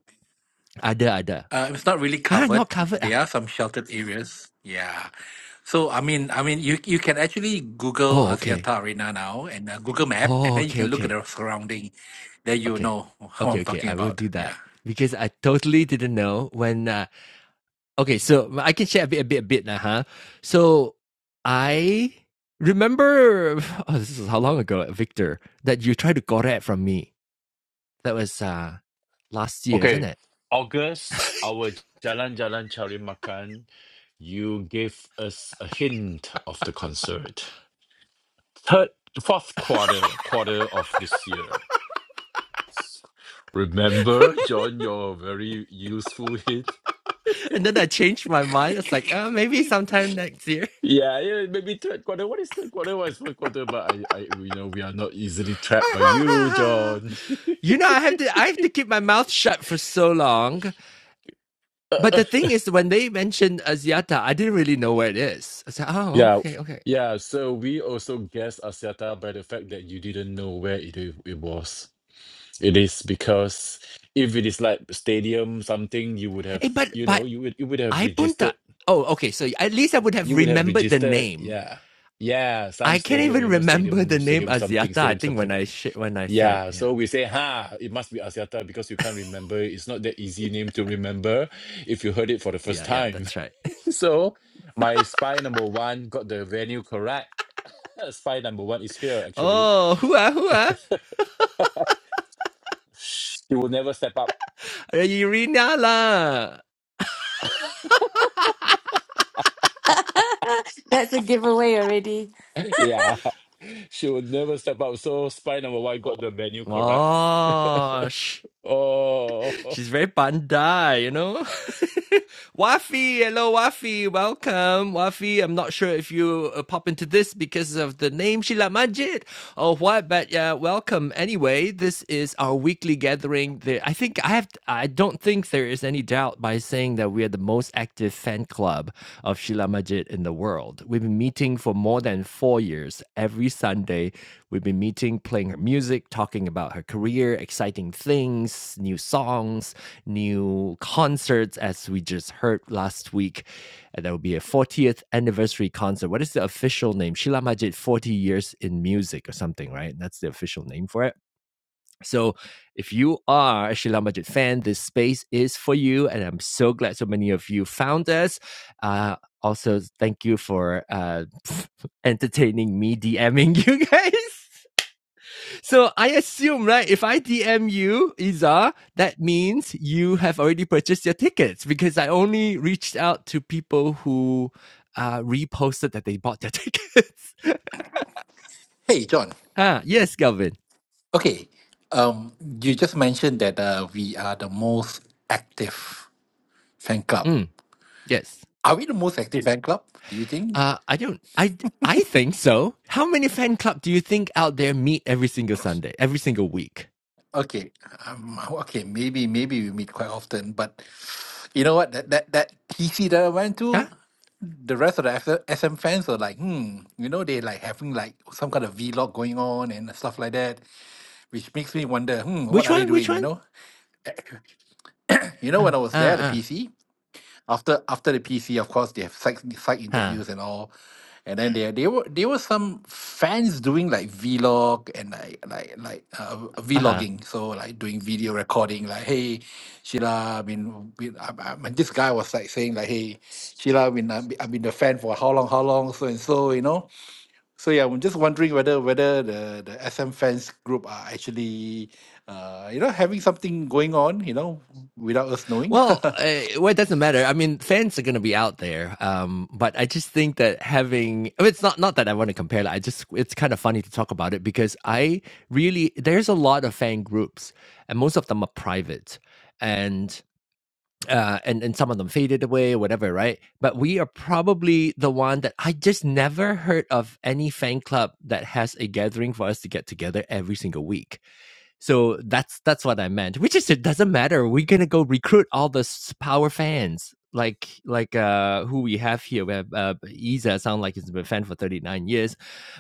A: Ada, ada.
D: Uh, it's not really
A: Ah,
D: covered.
A: not covered. ah.
D: There are some sheltered areas. Yeah. So I mean, I mean, you you can actually Google
A: Oh, okay.
D: Axiata Arena now and uh, Google Map, and
A: Oh,
D: then you
A: okay,
D: can look at
A: okay,
D: the surrounding. Then you
A: okay,
D: know who
A: okay,
D: I'm
A: okay.
D: talking
A: I will
D: about.
A: do that
D: Yeah.
A: because I totally didn't know when uh, Okay, so I can share a bit, a bit, a bit now, huh? So I remember, oh, this is how long ago, Victor, that you tried to correct from me. That was uh last year, isn't
C: Okay,
A: it?
C: August, our Jalan Jalan Cari Makan, you gave us a hint of the concert. Third, fourth quarter, quarter of this year. Remember, John, your very useful hint.
A: And then I changed my mind. It's like, uh, maybe sometime next year.
C: Yeah, yeah, maybe third quarter. What is third quarter? What is fourth quarter? But I, I, you know, we are not easily trapped by you, John.
A: you know, I have to, I have to keep my mouth shut for so long. But the thing is, when they mentioned Asiata, I didn't really know where it is. I said, oh,
C: yeah,
A: okay, okay.
C: yeah. So we also guessed Asiata by the fact that you didn't know where it it was. It is because if it is like stadium something, you would have,
A: Hey, but
C: you know,
A: by
C: you would you would have
A: I punta.
C: registered,
A: Oh, okay. So at least I would have
C: you would have
A: remembered the
C: registered,
A: name
C: yeah, yeah, some
A: I can't
C: stadium,
A: even
C: you know,
A: remember the
C: stadium,
A: name
C: stadium something,
A: Aziata. I
C: stadium
A: think when
C: something,
A: I sh- when I said
C: yeah. So
A: yeah.
C: we say, ha, it must be Axiata because you can't remember. It's not that easy name to remember if you heard it for the first
A: Yeah, yeah,
C: time.
A: that's right.
C: so my spy number one got the venue correct. Spy number one is here actually.
A: Oh, whoa, whoa.
C: She will never step up
A: Irina lah.
B: That's a giveaway already.
C: Yeah. She would never step up. So spy number one got the venue correct.
A: Wow.
C: oh.
A: She's very pandai, you know. Wafi, hello Wafi, welcome. Wafi, I'm not sure if you uh, pop into this because of the name Sheila Majid or what, but uh, welcome anyway. This is our weekly gathering. There, I think I have. I don't think there is any doubt by saying that we are the most active fan club of Sheila Majid in the world. We've been meeting for more than four years every Sunday. We've been meeting, playing her music, talking about her career, exciting things, new songs, new concerts, as we just heard last week. And there will be a 40th anniversary concert. What is the official name? Sheila Majid, 40 years in music or something, right? That's the official name for it. So if you are a Sheila Majid fan, this space is for you. And I'm so glad so many of you found us. Uh, also, thank you for uh, entertaining me DMing you guys. So I assume, right? If I DM you, Isa, that means you have already purchased your tickets because I only reached out to people who uh, reposted that they bought their tickets.
D: Hey, John.
A: ah, yes, Galvin.
D: Okay. Um, you just mentioned that uh, we are the most active fan club.
A: Mm, yes.
D: Are we the most active fan club? Do you think?
A: Uh, I don't. I I think so. How many fan club do you think out there meet every single Sunday, every single week?
D: Okay. Um, okay. Maybe. Maybe we meet quite often, but you know what? That that that TC that I went
A: Huh?
D: to, the rest of the S- SM fans are like, hmm. You know, they like having like some kind of vlog going on and stuff like that, which makes me wonder, hmm, what
A: Which
D: are they
A: one? Which
D: doing? You
A: one?
D: know? You know,
A: Uh,
D: when I
A: uh,
D: was there, at the
A: uh,
D: PC. after after the PC, of course, they have site site
A: huh.
D: interviews and all, and then there there were there were some fans doing like vlog and like like like uh,
A: Uh huh.
D: vlogging, so like doing video recording, like hey, Sheila, I mean, we- I, I, and this guy was like saying like hey, Sheila, I mean, I've been I've been a fan for how long, how long, so and so, you know. So yeah, I'm just wondering whether whether the the SM fans group are actually, uh, you know, having something going on, you know, without us knowing.
A: Well, uh, well, it doesn't matter. I mean, fans are going to be out there, um, but I just think that having I mean, it's not not that I want to compare. Like, I just it's kind of funny to talk about it because I really there's a lot of fan groups, and most of them are private, and uh, and and some of them faded away or whatever, right? But we are probably the one that I just never heard of any fan club that has a gathering for us to get together every single week. So that's that's what I meant. Which is it doesn't matter. We're gonna go recruit all the power fans like like uh who we have here. We have uh Isa sound like he's been a fan for 39 years.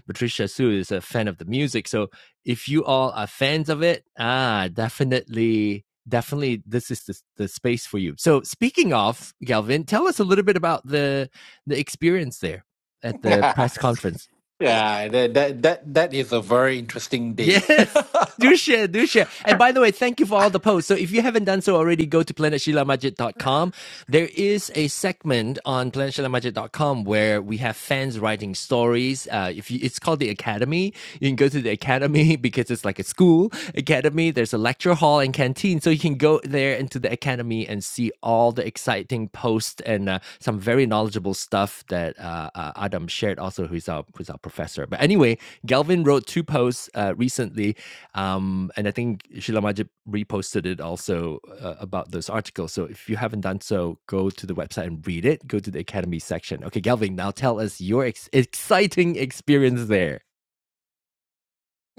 A: Patricia Sue is a fan of the music. So if you all are fans of it, ah definitely definitely this is the, the space for you. So speaking of Galvin, tell us a little bit about the the experience there at the press conference.
D: Yeah, that that that, that is a very interesting day.
A: Yes. Do share, do share. And by the way, thank you for all the posts. So if you haven't done so already, go to planet sheila majid dot com. There is a segment on planet sheila majid dot com where we have fans writing stories. Uh, if you, it's called the Academy, you can go to the Academy because it's like a school academy. There's a lecture hall and canteen. So you can go there into the Academy and see all the exciting posts and uh, some very knowledgeable stuff that uh, uh, Adam shared also, who's our, who's our professor. But anyway, Galvin wrote two posts uh, recently, um, and I think Sheila Majid reposted it also uh, about those articles. So if you haven't done so, go to the website and read it. Go to the Academy section. Okay, Galvin, now tell us your ex- exciting experience there.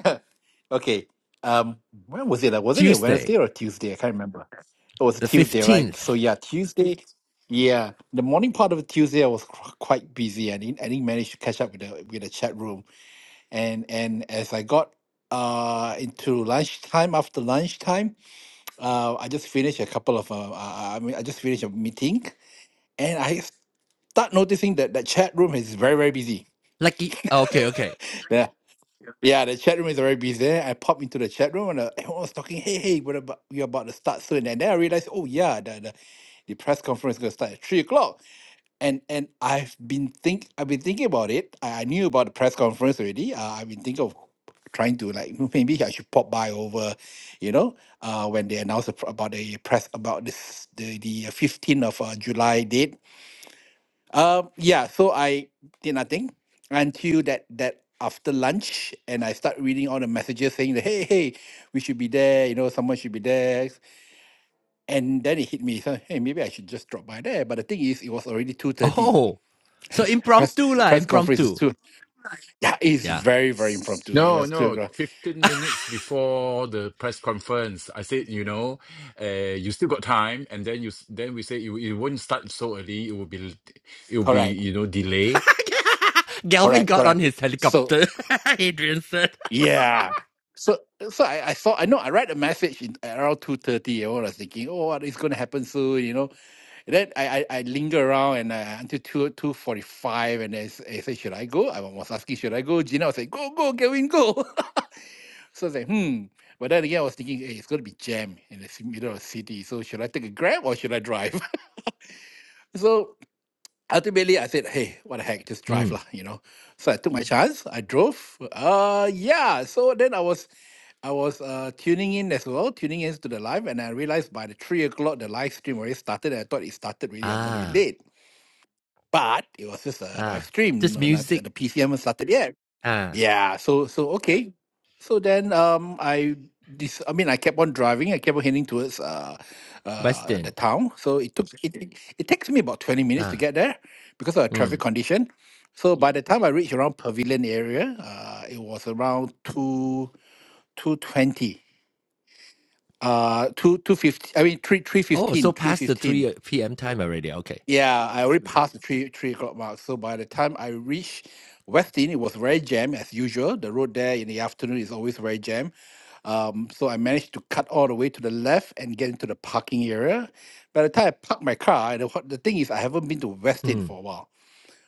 D: okay. Um, when was it? Uh, Was it a
A: Tuesday,
D: Wednesday or a Tuesday? I can't remember. It was a
A: the
D: Tuesday, right? So
A: 15th.
D: yeah, Tuesday. Yeah, the morning part of Tuesday I was qu- quite busy. I didn't I didn't manage to catch up with the with the chat room. And and as I got uh into lunchtime after lunchtime, uh I just finished a couple of uh, uh I mean I just finished a meeting and I start noticing that the chat room is very very busy.
A: Lucky. oh, Okay, okay.
D: Yeah, the chat room is already busy there. I popped into the chat room and uh, everyone was talking, hey, hey, what about we're about to start soon. And then I realized, oh yeah, the, the, the press conference is gonna start at three o'clock. And and I've been think I've been thinking about it. I, I knew about the press conference already. Uh, I've been thinking of trying to like "Hmm, maybe I should pop by over, you know, uh, when they announced the pr- about the press about this the the uh, fifteenth of uh, July date um, yeah, so I did nothing until that that after lunch, and I start reading all the messages saying that hey, hey, we should be there. You know, someone should be there. And then it hit me. So hey, maybe I should just drop by there. But the thing is, it was already two thirty.
A: Oh, so
D: Press
A: impromptu lah,
D: press conference is
A: impromptu.
D: two. Yeah, it's
A: Yeah.
D: very very impromptu. It
C: No,
D: was two
C: no,
D: o'clock.
C: 15 minutes before the press conference, I said, you know, uh, you still got time. And then you, s- then we say it, it won't start so early. It will be, it will be,
D: Correct,
C: you know, delay.
A: Galvin
D: correct,
A: got on
D: correct.
A: his
D: So
A: helicopter, Adrian said.
D: yeah. So, so I, I saw I know I read a message in, around two thirty. I was thinking, oh, what is going to happen soon? You know, Then I, I, I linger around and uh, until two two forty five, and I, s- I said, "Should I go?" I was asking, "Should I go?" Gina was like, "Go, go, Kevin, go." so I was like, "Hmm." But then again, I was thinking, "Hey, it's going to be jam in the ci- middle of the city. So should I take a grab or should I drive?" so ultimately, I said, "Hey, what the heck? Just drive
A: Mm.
D: lah," you know. So I took my chance. I drove. Uh, yeah. So then I was I was uh, tuning in as well, tuning in to the live, and I realized by the three o'clock the live stream already started. And I thought it started really. I'm going to be
A: Ah,
D: late. but it was just a live
A: ah.
D: stream
A: Just
D: no- not-
A: music
D: the pcm started yet
A: Ah,
D: yeah so so okay so then um i this i mean i kept on driving i kept on heading towards uh uh the
A: Western.
D: town so it took it, it, it takes me about 20 minutes to
A: Ah,
D: get there because of the
A: mm.
D: traffic condition so by the time i reached around pavilion area uh it was around 2 220 uh 2 250 i mean 3
A: Oh, so past the
D: 315
A: 3 p.m. time already. Okay.
D: Yeah, I already passed the three three o'clock mark. So by the time I reached Westin, it was very jammed as usual. The road there in the afternoon is always very jammed. Um, so I managed to cut all the way to the left and get into the parking area. By the time I parked my car, the, what the thing is I haven't been to Westin
A: Mm.
D: for a while.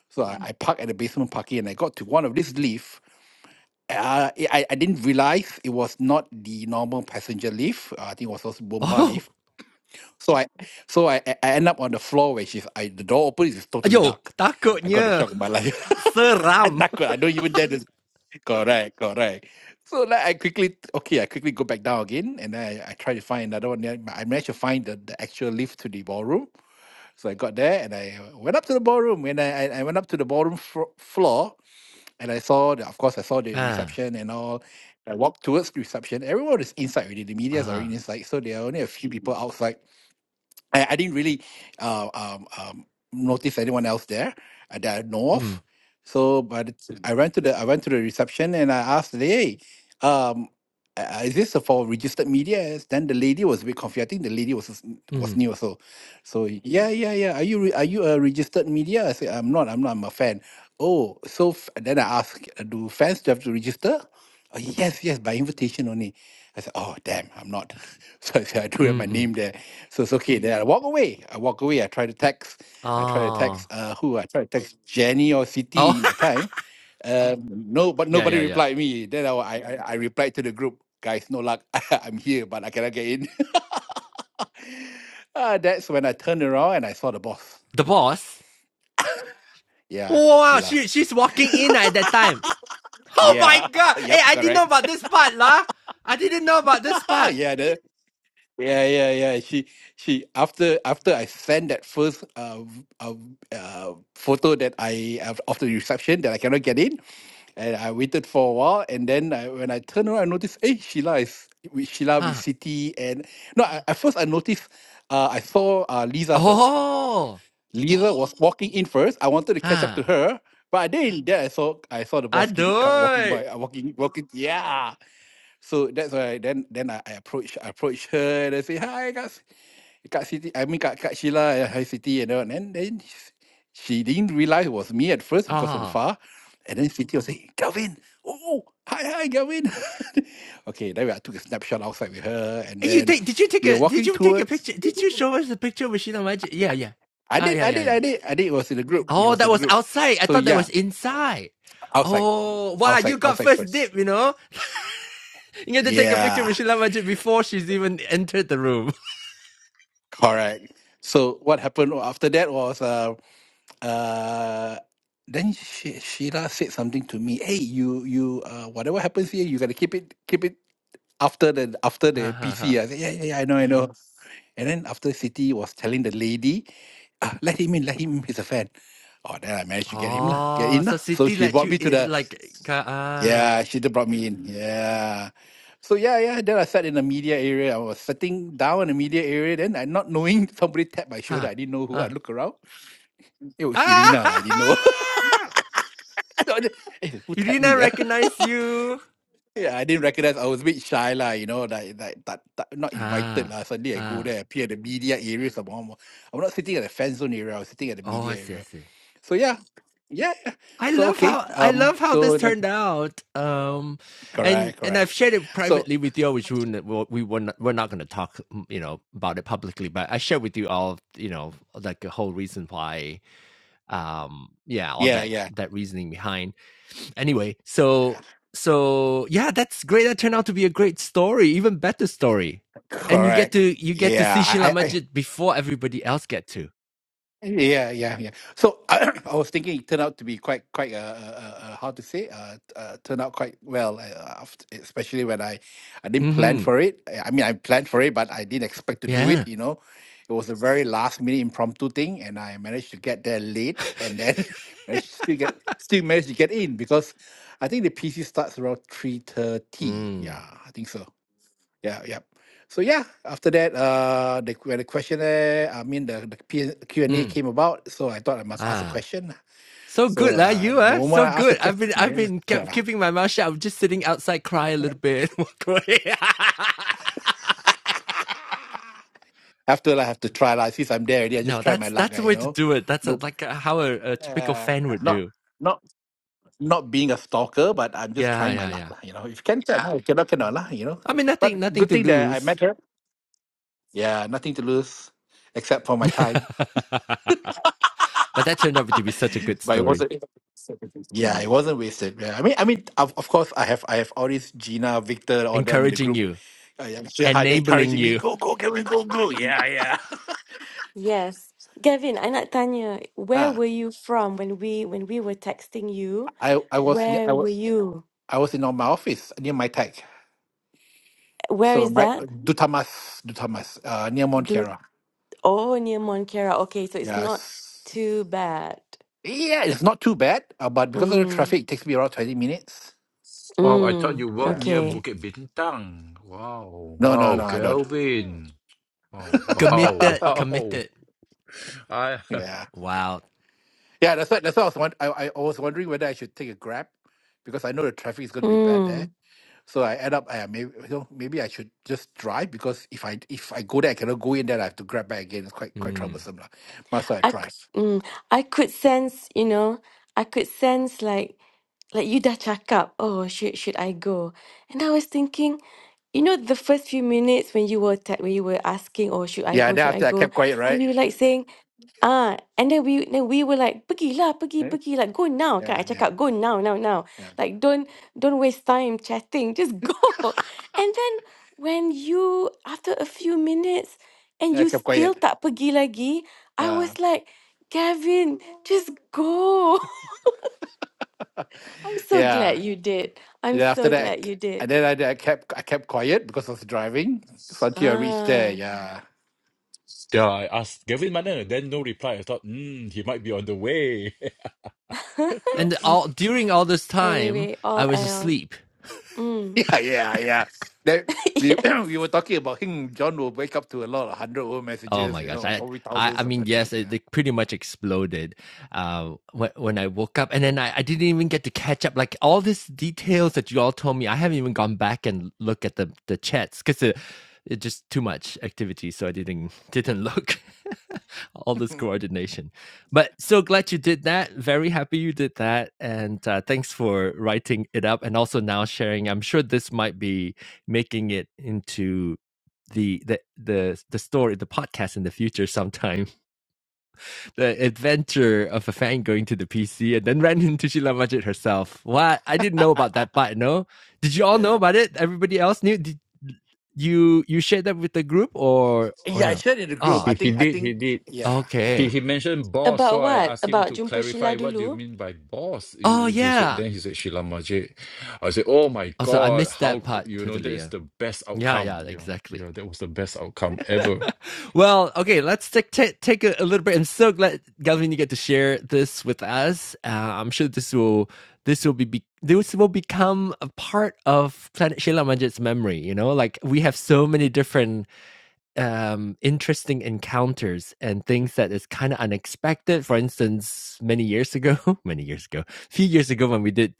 D: So I, I parked at the basement parking and I got to one of these lifts. Uh, I, I I didn't realize it was not the normal passenger lift. Uh, I think it was also Bomba lift
A: Oh,
D: so I so I, I I end up on the floor where she's I the door opens it's totally
A: ayo,
D: dark. I got the
A: takutnya.
D: shock of my life. I
A: Seram.
D: dark, I don't even dare to correct, correct. So like I quickly okay, I quickly go back down again and then I, I try to find another one there, but I managed to find the, the actual lift to the ballroom. So I got there and I uh, went up to the ballroom and I, I I went up to the ballroom fro floor and I saw the, of course I saw the
A: Ah,
D: reception and all. I walked towards the reception. Everyone is inside already. The media is already
A: ah.
D: inside. So there are only a few people outside. I, I didn't really uh, um, um, notice anyone else there uh, that I know
A: Mm,
D: of. So, but it's- Mm. I went to the I went to the reception and I asked, "Hey, um, uh, is this for registered media?" Yes, Then the lady was a bit confused. I think the lady was s- was
A: mm,
D: new, so so yeah, yeah, yeah. Are you re- are you a registered media? I said, "I'm not. I'm not. I'm a fan." Oh, so f- then I asked, "Do fans have to register?" "Oh, yes, yes, by invitation only. I said, oh, damn, I'm not. So, I said, I do have
A: mm,
D: my
A: mm.
D: name there. So it's okay. Then I walk away. I walk away. I try to text. I try to
A: Oh.
D: text uh, who? I try to text Jenny or
A: Oh,
D: City in the time. Um, no, but
A: yeah,
D: nobody
A: yeah, yeah.
D: replied me. Then I, I, I I replied to the group, guys, no luck. I'm here, but I cannot get in. uh, that's when I turned around and I saw the boss.
A: The boss.
D: Yeah,
A: Wow,
D: Sheila.
A: she, she's walking in at that time. Oh my
D: Yeah.
A: god. Hey,
D: yep,
A: I didn't know
D: correct.
A: about this part, lah. I didn't know about this part.
D: yeah, Yeah, yeah, yeah. She, she. After, after I sent that first uh, v- uh, v- uh photo that I of of the reception that I cannot get in, and I waited for a while, and then I, when I turned around, I noticed, hey, Sheila is with Sheila with
A: Huh.
D: City, and no, I, at first I noticed, uh, I saw uh Lisa first.
A: Oh.
D: Lisa was walking in first. I wanted to catch up
A: Huh.
D: to her, but I didn't. Then I saw, I saw the boss came, co- walking
A: Aduh.
D: by, uh, walking, walking. Yeah. So that's why then then I, I approach I approach her and I say hi, guys. Kak Siti, I mean Kak, Kak Sheila, uh, high city, and all. And then s- she didn't realize it was me at first because I'm
A: Ah.
D: far. And then Siti was saying, Galvin, oh, hi, hi, Galvin. okay, then I took a snapshot outside with her. And
A: You
D: then
A: take? Did you take
D: we were
A: a? Did
D: walking
A: you take a
D: towards.
A: picture? Did you show us the picture of Sheena Magic? Yeah, yeah.
D: I
A: Ah,
D: did,
A: yeah,
D: I
A: yeah,
D: did,
A: yeah.
D: I did, I did. It was in the group. It
A: Oh,
D: was
A: that
D: in the
A: was
D: group.
A: outside. I
D: So
A: thought that
D: yeah,
A: was inside.
D: outside,
A: Oh, wow!
D: outside,
A: You got
D: outside
A: first
D: first.
A: dip. You know, you had to take a picture
D: Yeah,
A: with Sheena Magic before she's even entered the room.
D: correct. So what happened after that was. Uh, Uh, then she, Sheila said something to me. Hey, you you uh, whatever happens here, you gotta keep it keep it after the after the PC. I said yeah yeah yeah I know I know. Mm. And then after City was telling the lady, ah, let him in, let him in. He's a fan. Oh, then I managed to get him lah, get
A: Oh,
D: in
A: so
D: lah. So
A: City
D: she
A: let
D: brought
A: you
D: me to the
A: i- like ah
D: yeah. She did brought me in yeah. So yeah yeah. Then I sat in the media area. I was sitting down in the media area. Then I not knowing somebody tapped my shoulder.
A: huh
D: I didn't know
A: ah
D: who. I
A: ah.
D: look around. It was
A: ha,
D: Irina lah. I didn't know.
A: ha.
D: No, the- eh, who tapped me?
A: Irina
D: Yeah?
A: recognized you.
D: yeah, I didn't recognize. I was a bit shy, lah. You know, like, like that, that- not invited,
A: Ah
D: lah. Suddenly I go
A: ah.
D: there, appear at the media area. Some more. i I'm not sitting at the fan zone area. I was sitting at the
A: Oh, I
D: media
A: see, I
D: area.
A: see.
D: So yeah, yeah. yeah.
A: I
D: So
A: love
D: okay.
A: how I
D: Um.
A: love how this
D: So then-
A: turned out. Um, and
D: correct,
A: and I've
D: correct.
A: shared it
D: So
A: privately with you, which we would we were not, we're not going to talk, you know, about it publicly. But I shared with you all, you know, like the whole reason why, um, yeah, all
D: yeah,
A: that
D: yeah,
A: that reasoning behind. Anyway, so so yeah, that's great. That turned out to be a great story, even better story. And you get to
D: correct.
A: you get to
D: Yeah,
A: see Sheila
D: I, I, I
A: Majid before everybody else get to.
D: Yeah, yeah, yeah. So I, was thinking it turned out to be quite, quite, uh, uh, uh, how to say, uh, t- uh, turned out quite well, uh, aft- especially when I, I didn't plan
A: Mm-hmm.
D: for it. I I mean, I planned for it, but I didn't expect to do
A: Yeah.
D: it, you know. It was a very last minute impromptu thing, and I managed to get there late, and then managed to still get, still managed to get in because I think the PC starts around 3:30.
A: mm.
D: Yeah, I think so. Yeah, yeah. So yeah, after that, uh, the when the questionnaire, I mean the the P- Q and A
A: Mm.
D: came about, so I thought I must ask a
A: Ah.
D: question.
A: So
D: So
A: good, lah.
D: uh,
A: You
D: the
A: are
D: moment
A: so
D: I asked a
A: good. I've
D: question,
A: been, I've
D: yeah.
A: been kept keeping my mouth shut. I'm just sitting outside, cry a little bit, and walk away.
D: after I have to try lah. Since I'm there already, I
A: no,
D: just try my
A: that's
D: luck,
A: that's
D: ah,
A: the
D: you
A: way to
D: know.
A: do it. That's uh
D: No,
A: like uh how a, a typical
D: uh,
A: fan would
D: not
A: do.
D: not not being a stalker, but I'm just
A: Yeah,
D: trying my
A: yeah,
D: luck,
A: yeah.
D: lah. You know, if can, can, lah, if cannot, cannot, lah. You know.
A: I mean, nothing,
D: But
A: nothing
D: good
A: to
D: thing that I
A: lose.
D: met her. Yeah, nothing to lose except for my time.
A: but that turned out to be such a good
D: but it was
A: story,
D: a Yeah, it wasn't wasted. Yeah, I mean, I mean, of, of course, I have, I have all these Gina, Victor, all them in the
A: encouraging
D: group.
A: you,
D: Uh, am sure hard
A: enabling
D: encouraging me,
A: you,
D: go, go, can we go, go? Yeah, yeah.
B: Yes. Gavin, I nak tanya, where
D: Ah,
B: were you from when we when we were texting you?
D: I, I was, ne- I,
B: Where
D: wa-
B: were you?
D: I was in on my office near my tech.
B: Where
D: So
B: is
D: my
B: that?
D: Dutamas, Dutamas, uh, near Mount
B: Do
D: Kiara.
B: oh near Montclair. Okay, so it's not
D: Yes.
B: too bad.
D: Yeah, it's not too bad, uh, but because of the
B: Mm.
D: traffic, it takes me around twenty minutes.
C: Wow, I thought
B: Mm.
C: you worked
D: Yeah.
C: near
B: Okay.
C: Bukit Bintang. Wow,
D: No, no,
C: wow,
D: no, I don't.
C: Kelvin. Wow, wow,
A: committed,
C: wow.
A: committed.
C: I
D: yeah.
A: Wow.
D: Yeah, that's what, that's what I was wondering. I, I I was wondering whether I should take a Grab because I know the traffic is going to be bad there.
B: Mm.
D: So I end up, I maybe you know, maybe I should just drive because if I if I go there, I cannot go in there. I have to grab back again. It's quite quite
A: Mm.
D: troublesome, lah. Must I
B: I c-
D: drive?
B: mm, I could sense, you know, I could sense like like you dah cakap, oh, should should I go? And I was thinking, you know, the first few minutes when you were te- when you were asking, oh, should I
D: Yeah.
B: go?
D: Then
B: Should I
D: after I
B: go?
D: kept quiet,
B: Then
D: right?
B: we were like saying, ah, and then we then we were like, pergilah, pergi,
D: Eh?
B: pergi, like go now. Kan?
D: Yeah,
B: I
D: yeah,
B: cakap go now, now, now.
D: yeah.
B: Like don't don't waste time chatting, just go. And then when you after a few minutes and
D: yeah I
B: you
D: kept
B: still
D: quiet.
B: tak pergi lagi, I
D: Uh,
B: was like, Gavin, just go. I'm so
D: yeah.
B: glad you did. I'm
D: Then after
B: so
D: that, I,
B: glad
D: k-
B: you did.
D: and then I, I kept I kept quiet because I was driving. So until I reached there,
B: Ah.
D: yeah.
C: Yeah, I asked Gavin Mana, then no reply. I thought, hmm, he might be on the way.
A: And all during all this time,
B: Anyway,
A: I
B: all
A: was
B: out.
A: asleep.
B: Mm.
D: Yeah, yeah, yeah. That we
B: Yes.
D: we were talking about him. John will wake up to a lot of hundred over
A: Oh
D: messages,
A: my
D: you
A: gosh.
D: know,
A: I
D: probably
A: I, I
D: thousands of
A: mean, yes,
D: messages.
A: it,
D: Yeah,
A: they pretty much exploded uh, when, when I woke up. And then I, I didn't even get to catch up. Like all these details that you all told me, I haven't even gone back and look at the, the chats because it, it just too much activity. So I didn't didn't look all this coordination. But so glad you did that. Very happy you did that. And uh, thanks for writing it up and also now sharing. I'm sure this might be making it into the the the the story the podcast in the future sometime the adventure of a fan going to the pc and then ran into sheila majid herself what i didn't know about that part no did you all know
D: yeah,
A: about it everybody else knew did you you shared that with the group or or
D: yeah. I
A: no
D: shared in the group.
A: oh
D: I
C: He he
D: think, I
C: did, he
D: think,
C: did.
D: yeah. yeah.
C: He,
A: okay
C: he mentioned boss,
B: About
C: so I
B: what?
C: asked him
B: About
C: to
B: jumpa
C: clarify
B: Sheila
C: what do you
B: dulu?
C: mean by boss.
A: oh
C: He- he said-
A: yeah
C: then he said Sheila Majid. I said, oh my
A: also i
C: god,
A: missed
C: how
A: that
C: c-
A: part
C: you know that
A: totally
C: is
A: yeah
C: the best
A: yeah
C: outcome.
A: yeah
C: You know,
A: exactly
C: yeah, that was the best outcome ever.
A: Well, okay, let's take ta- take a, a little bit. I'm so glad, Galvin, you get to share this with us. Uh, I'm sure this will this will be, be this will become a part of Planet Sheila Majid's memory. You know, like we have so many different um, interesting encounters and things that is kind of unexpected. For instance, many years ago, many years ago, a few years ago when we did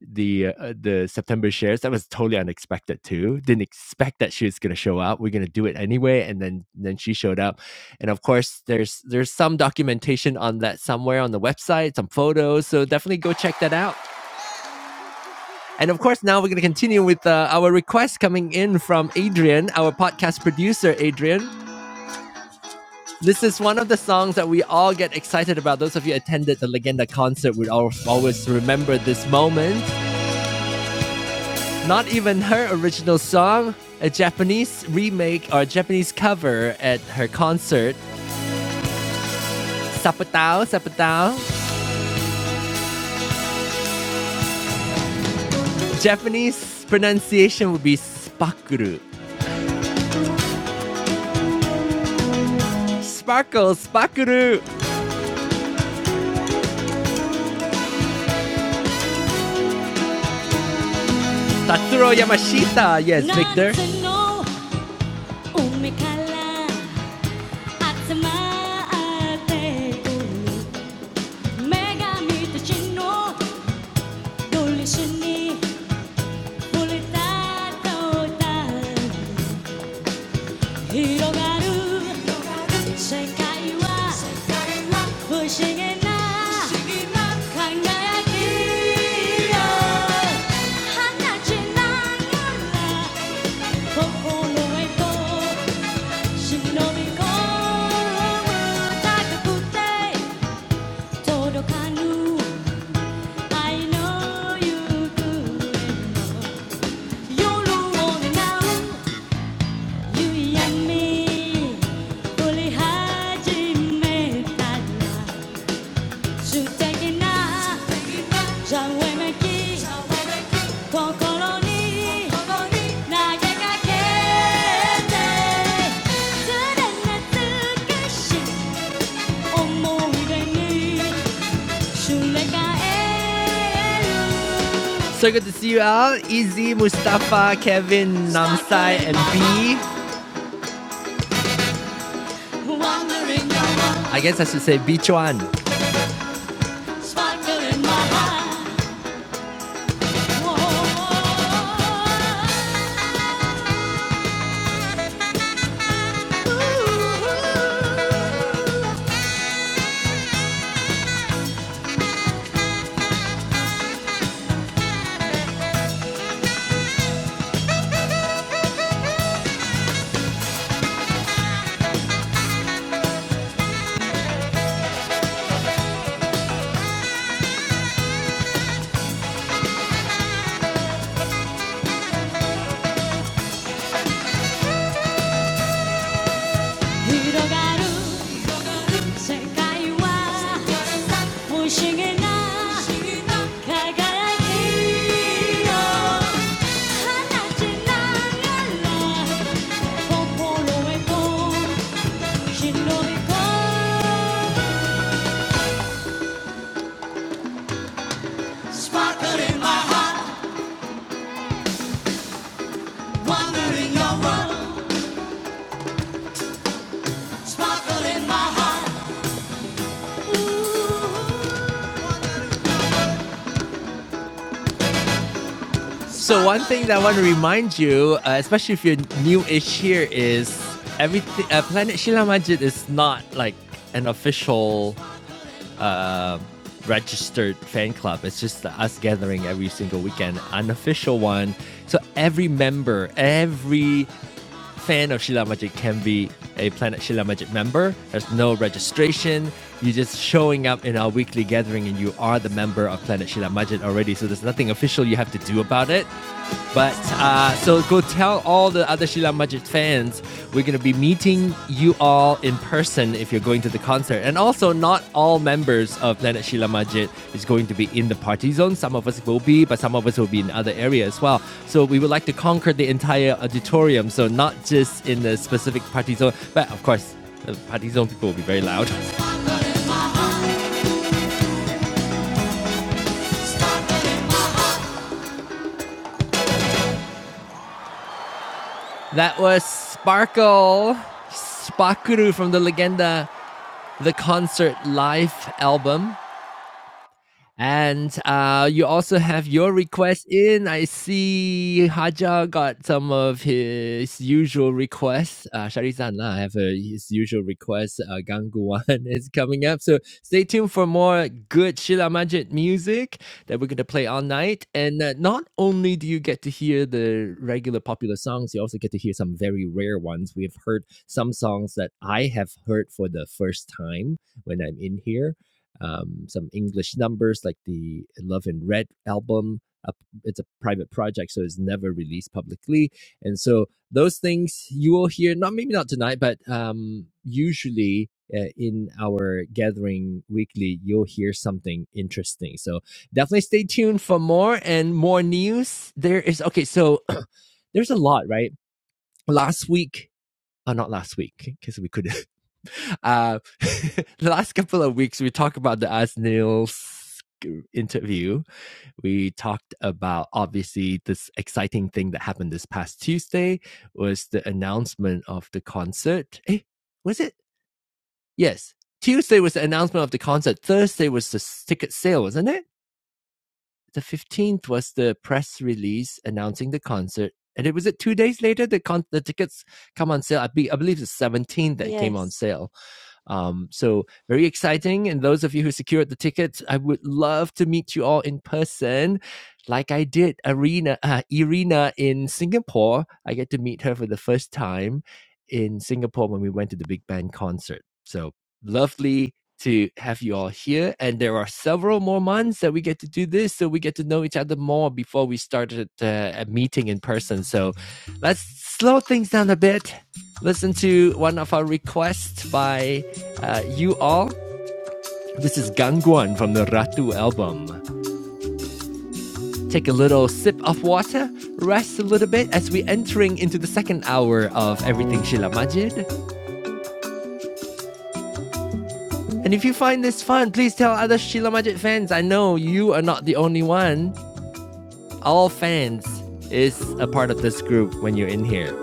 A: the uh, uh, the September shares, that was totally unexpected too. Didn't expect that she was going to show up. We're going to do it anyway, and then then she showed up. And of course, there's there's some documentation on that somewhere on the website, some photos. So definitely go check that out. And of course, now we're going to continue with uh, our requests coming in from Adrian, our podcast producer, Adrian. This is one of the songs that we all get excited about. Those of you attended the Legenda concert would al- always remember this moment. Not even her original song, a Japanese remake or a Japanese cover at her concert. Sapatao, sapatao. Japanese pronunciation would be spakuru. Sparkle, spakuru. Tatsuro Yamashita. Yes, Victor. Don't listen to bullets, don't turn. Irogaru. The world is not a game. I know. I know. So good to see you all. Izzy, Mustafa, Kevin, Namsai, and B. I guess I should say beach one. Sparkle in my heart, wonder in your world. So one thing that I want to remind you, uh, especially if you're new-ish here, is everything. Uh, Planet Shila Majid is not like an official uh, registered fan club. It's just us gathering every single weekend, unofficial one. So every member, every fan of Shila Magic can be a Planet Shila Magic member. There's no registration. You're just showing up in our weekly gathering and you are the member of Planet Shila Magic already. So there's nothing official you have to do about it. But uh, so go tell all the other Sheila Majid fans we're going to be meeting you all in person if you're going to the concert. And also, not all members of Planet Sheila Majid is going to be in the party zone. Some of us will be, but some of us will be in other areas as well. So we would like to conquer the entire auditorium. So not just in the specific party zone, but of course, the party zone people will be very loud. That was Sparkle Spakuru from the Legenda, the concert live album. And uh, you also have your request in. I see Haja got some of his usual requests. Uh, Shari-san, uh, I have uh, his usual request. Uh, Gangguan is coming up. So stay tuned for more good Shila Majid music that we're going to play all night. And uh, not only do you get to hear the regular popular songs, you also get to hear some very rare ones. We have heard some songs that I have heard for the first time when I'm in here um, some English numbers like the Love in Red album. Uh, It's a private project, so it's never released publicly. And so those things you will hear, not maybe not tonight, but um, usually uh, in our gathering weekly, you'll hear something interesting. So definitely stay tuned for more and more news. There is okay, so there's a lot, right? Last week, uh, not last week, because we could uh, the last couple of weeks, we talked about the As interview. We talked about obviously this exciting thing that happened this past Tuesday was the announcement of the concert. Eh, was it? Yes. Tuesday was the announcement of the concert. Thursday was the ticket sale, wasn't it? The 15th was the press release announcing the concert. And it was it two days later the con- the tickets come on sale. I, be- I believe the 17th that it came on
B: Yes.
A: sale. Um, so very exciting. And those of you who secured the tickets, I would love to meet you all in person. Like I did Arena, uh, Irina in Singapore. I get to meet her for the first time in Singapore when we went to the Big Band concert. So lovely to have you all here. And there are several more months that we get to do this, so we get to know each other more before we started uh, a meeting in person. So let's slow things down a bit. Listen to one of our requests by uh, you all. This is Gangguan from the Ratu album. Take a little sip of water, rest a little bit as we're entering into the second hour of Everything Shila Majid. And if you find this fun, please tell other Sheila Majid fans. I know you are not the only one. All fans is a part of this group when you're in here.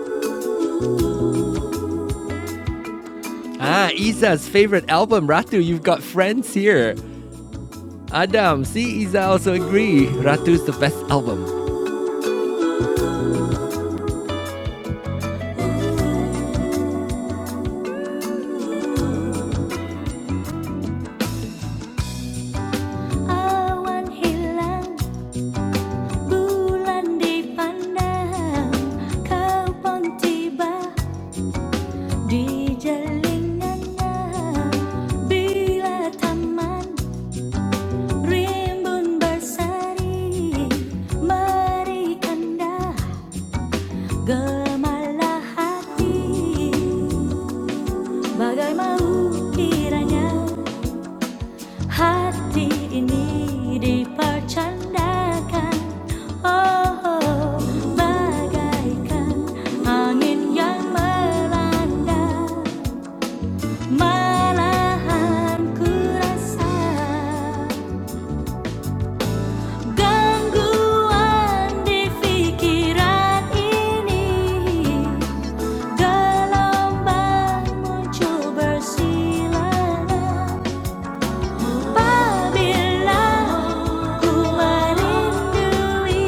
A: Ah, Isa's favorite album, Ratu. You've got friends here. Adam, see, Isa also agree. Ratu's the best album. Rimbun berseri Mari kanda Gemalah hati Bagai mau kiranya Hati ini dipercandakan Oh, oh bagaikan Angin yang melanda Malahan ku rasa Gangguan di pikiran ini, gelombang muncul bersilangan. Apabila ku merindui,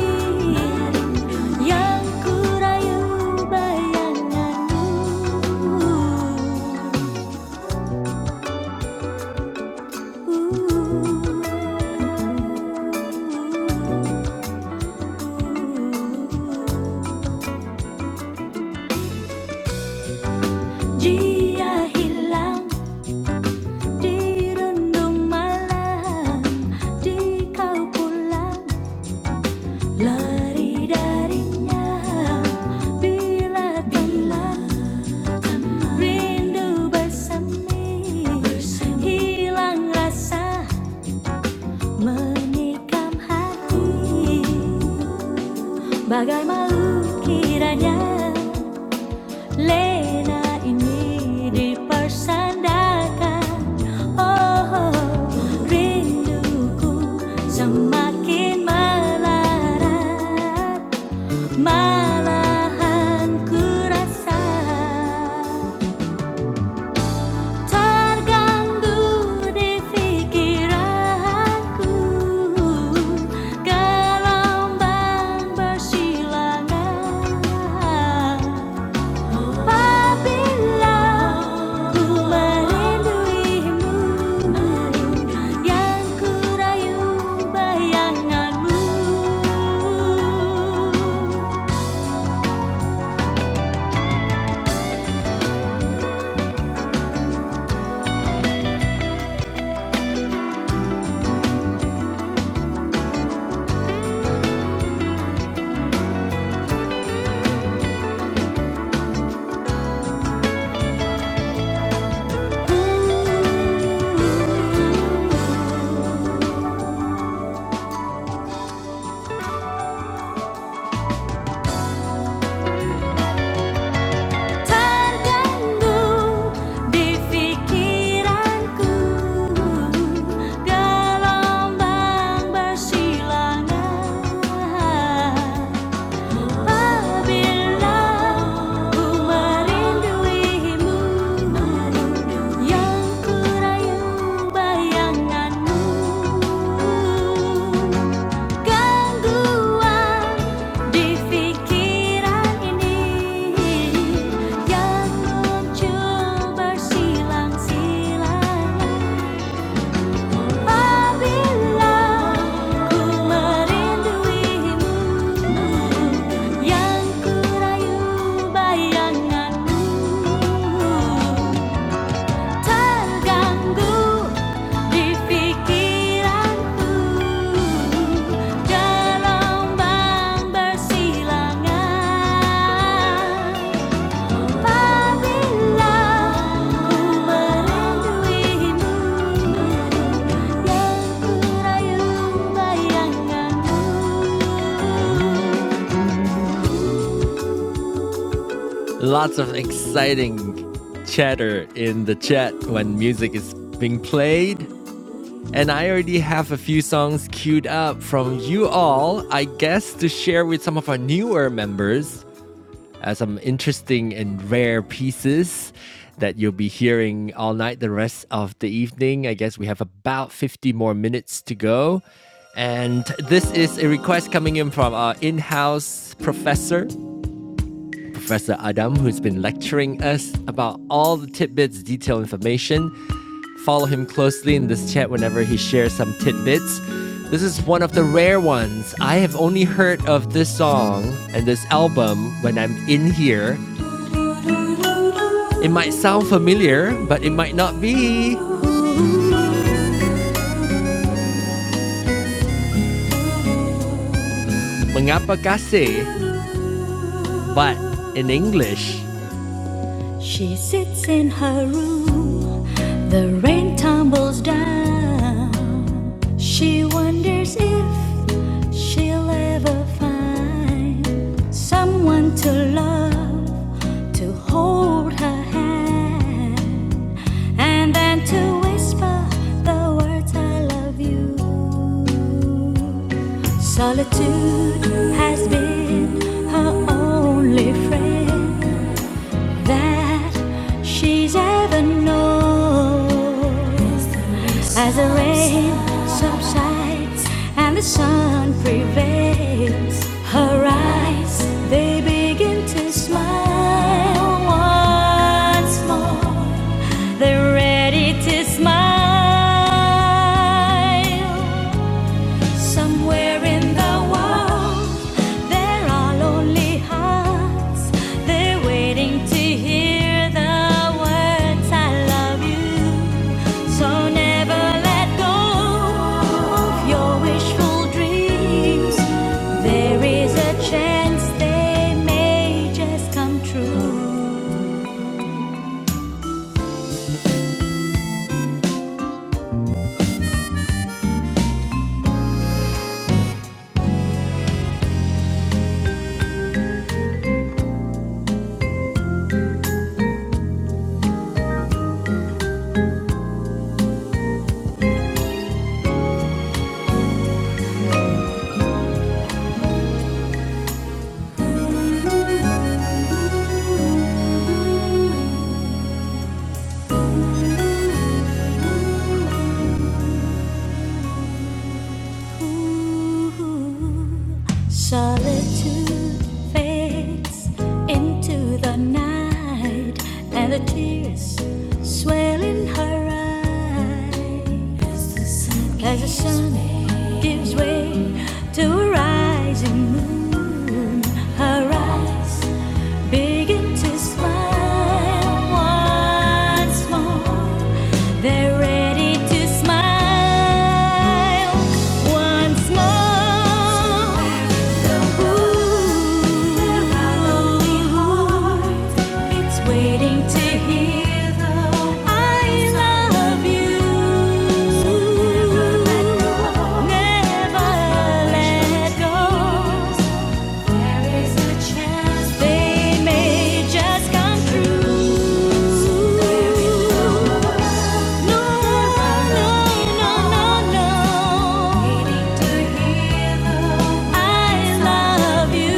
A: yang ku rayu bayanganmu. Dia hilang dirundung malam di kau pulang lari darinya bila bila rindu bersemi rasa menikam hati bagai malu kiranya Lena ini dipersandakan Oh rinduku semakin melarat Malahan ku rasa Terganggu di pikiranku gelombang bersilangan. Apabila ku merinduimu, yang ku rayu bayanganmu. Terganggu di pikiranku gelombang bersilangan apabila ku merinduimu yang ku rayu bayanganmu. Gangguan di pikiran ini yang muncul bersilang-silang apabila ku merinduimu yang ku rayu bayanganmu. Lots of exciting chatter in the chat when music is being played. And I already have a few songs queued up from you all, I guess, to share with some of our newer members as some interesting and rare pieces that you'll be hearing all night, the rest of the evening. I guess we have about 50 more minutes to go. And this is a request coming in from our in house professor Professor Adam, who's been lecturing us about all the tidbits, detailed information. Follow him closely in this chat whenever he shares some tidbits. This is one of the rare ones. I have only heard of this song and this album when I'm in here. It might sound familiar, but it might not be. Mengapa kasih? But in English, She sits in her room, the rain tumbles down. She wonders if She'll ever find someone to love, to hold her hand, and then to whisper the words I love you. Solitude has been her only friend that she's ever known. As the rain subsides and the sun prevails, her eyes they begin to smile once more. They're ready to smile. Somewhere in the world, there are lonely hearts. They're waiting to hear the words I love you. So never let go of your wishful dreams. There is a chance they may just come true. Solitude fades into the night, and the tears swell in her eyes. As the sun gives way to a rising moon. Her eyes Begin to smile once more. They're ready to smile once more. Ooh, it's waiting to hear the I love you. Never let go. There is a chance they may just come true. No, no, no, no, no. Needing to hear the I love you.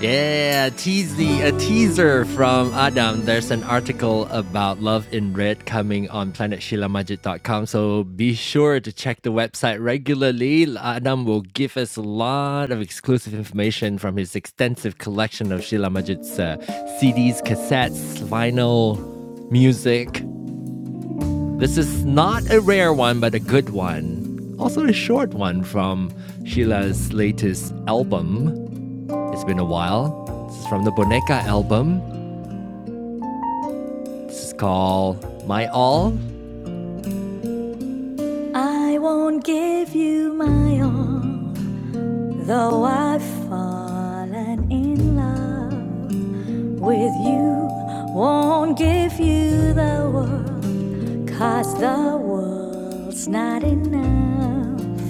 A: Yeah, tease the a teaser from Adam. There's an article about Love in Red coming on planetshilamajit.com. So be sure to check the website regularly. Adam will give us a lot of exclusive information from his extensive collection of Sheila Majid's uh, CDs, cassettes, vinyl, music. This is not a rare one, but a good one. Also, a short one from Sheila's latest album. It's been a while. This is from the Boneka album. This is called My All. I won't give you my all, though I've fallen in love with you. Won't give you the world, 'cause the world's not enough.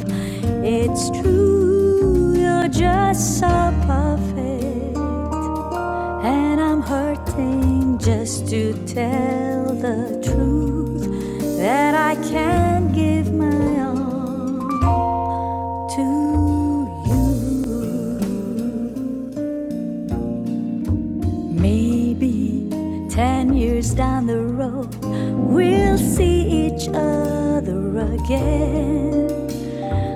A: It's true, you're just so perfect. And I'm hurting just to tell the truth that I can't give my all to you. Maybe 10 years down the road, we'll see each other again.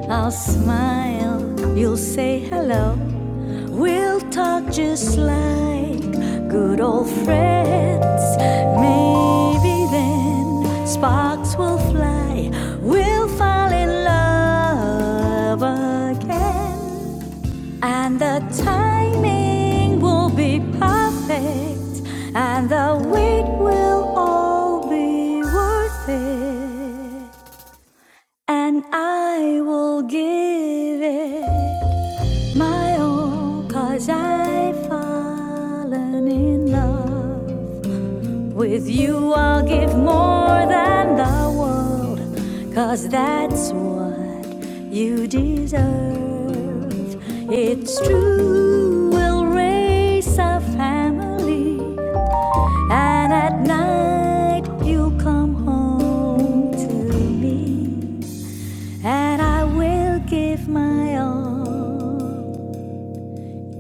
A: I'll smile, you'll say hello. We'll talk just like good old friends. Maybe then sparks will fly. We'll fall in love again. And the timing will be perfect. And the wait will all be worth it. And I will give it. Cause I've fallen in love with you. I'll give more than the world. 'Cause that's what you deserve. It's true, we'll raise a family. And at night, you'll come home to me. And I will give my all.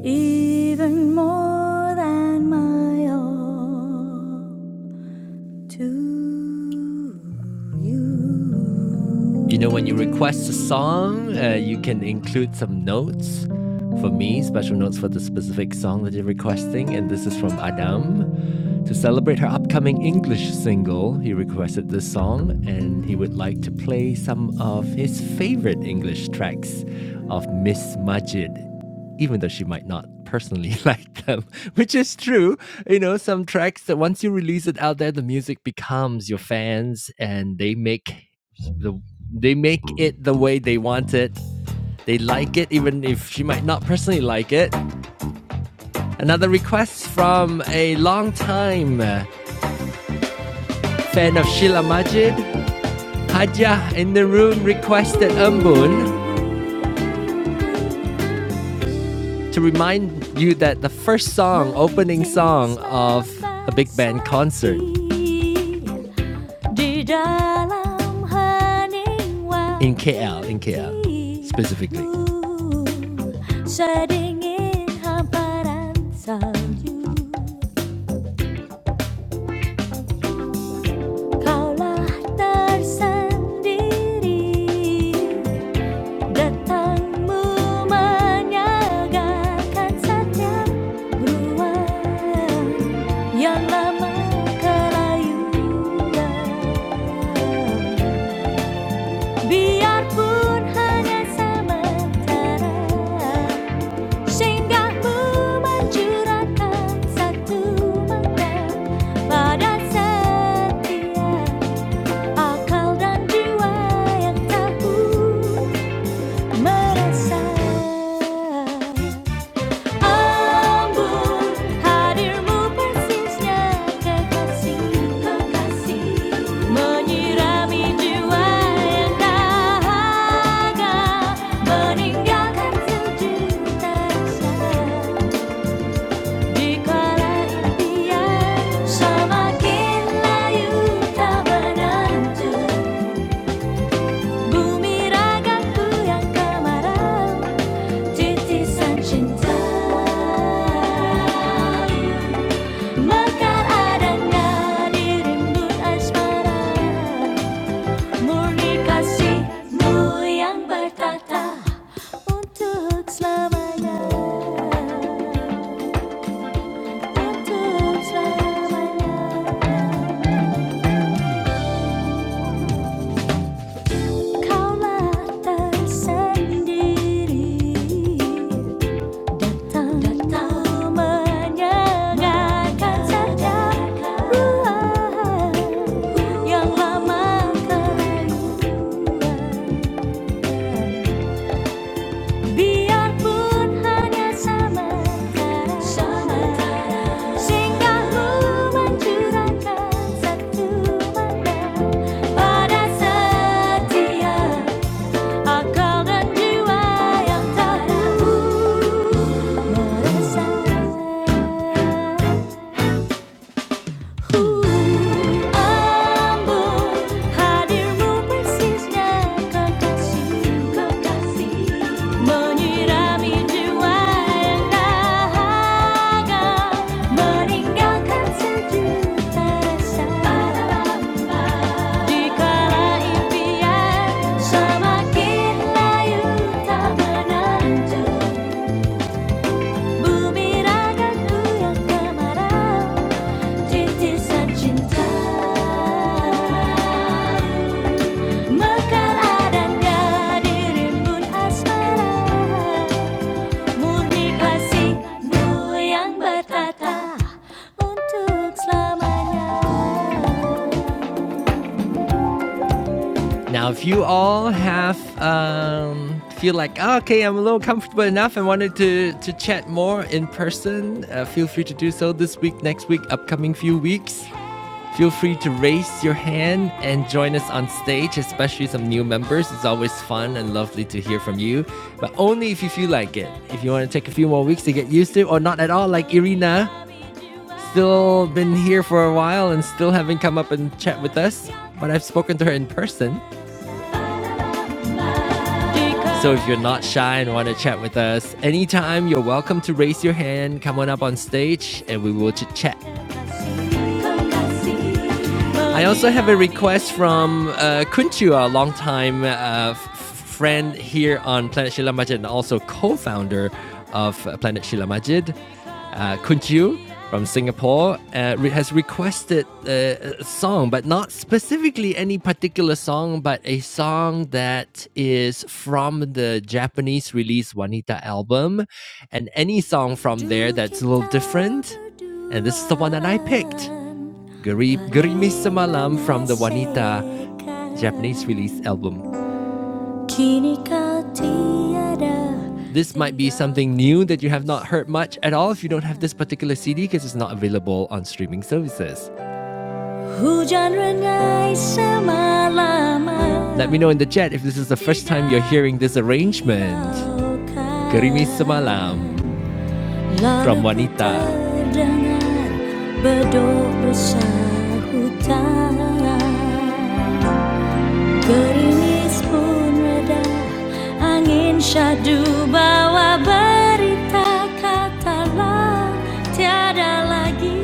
A: even more than my all to you. You know, when you request a song, uh, you can include some notes. For me, special notes for the specific song that you're requesting, and this is from Adam. To celebrate her upcoming English single, he requested this song and he would like to play some of his favorite English tracks of Miss Majid, even though she might not personally like them, which is true. You know, some tracks that once you release it out there, the music becomes your fans and they make the they make it the way they want it. They like it even if she might not personally like it. Another request from a long time uh, Fan of Sheila Majid, Haja in the room requested Umbun to remind you that the first song, opening song of a big band concert in KL, in KL specifically. Datangmu menyegarkan setiap ruang yang lama kelayuan. Biarpun hanya sementara, singgahmu mencurahkan satu makna pada setiap akal dan jiwa yang tahu merasa. 하늘 무발신 시작할 것이 머니한 나인가 같은 주디 Sama kila yuta menantu dan kemarau titisan cinta Bakar adanya ngakan saja yang lama kering Biarpun hanya sementara, singgahmu mencurahkan satu mata pada setiap akal dan jiwa yang tak ragu. Ambon Semakin lain Now, if you all have um, feel like "Oh, okay, I'm a little comfortable enough and wanted to to chat more in person, uh, feel free to do so this week, next week, upcoming few weeks. Feel free to raise your hand and join us on stage, especially some new members. It's always fun and lovely to hear from you, but only if you feel like it. If you want to take a few more weeks to get used to, or not at all, like Irina, still been here for a while and still haven't come up and chat with us. But I've spoken to her in person. So if you're not shy and want to chat with us anytime, you're welcome to raise your hand, come on up on stage, and we will chit chat. I also have a request from uh, Kunchu, a longtime uh, f- friend here on Planet Shila Majid and also co-founder of uh, Planet Shila Majid. Uh, Kunchu from Singapore uh, re- has requested uh, a song, but not specifically any particular song, but a song that is from the Japanese release Wanita album, and any song from there that's a little different. And this is the one that I picked. Garib Gerimis Semalam from the Wanita Japanese release album. This might be something new that you have not heard much at all if you don't have this particular CD because it's not available on streaming services. Let me know in the chat if this is the first time you're hearing this arrangement. Kau kan Gerimis Semalam. From wanita, Bedok bersahutan Gerimis pun reda Angin syahdu bawa berita Katalah tiada lagi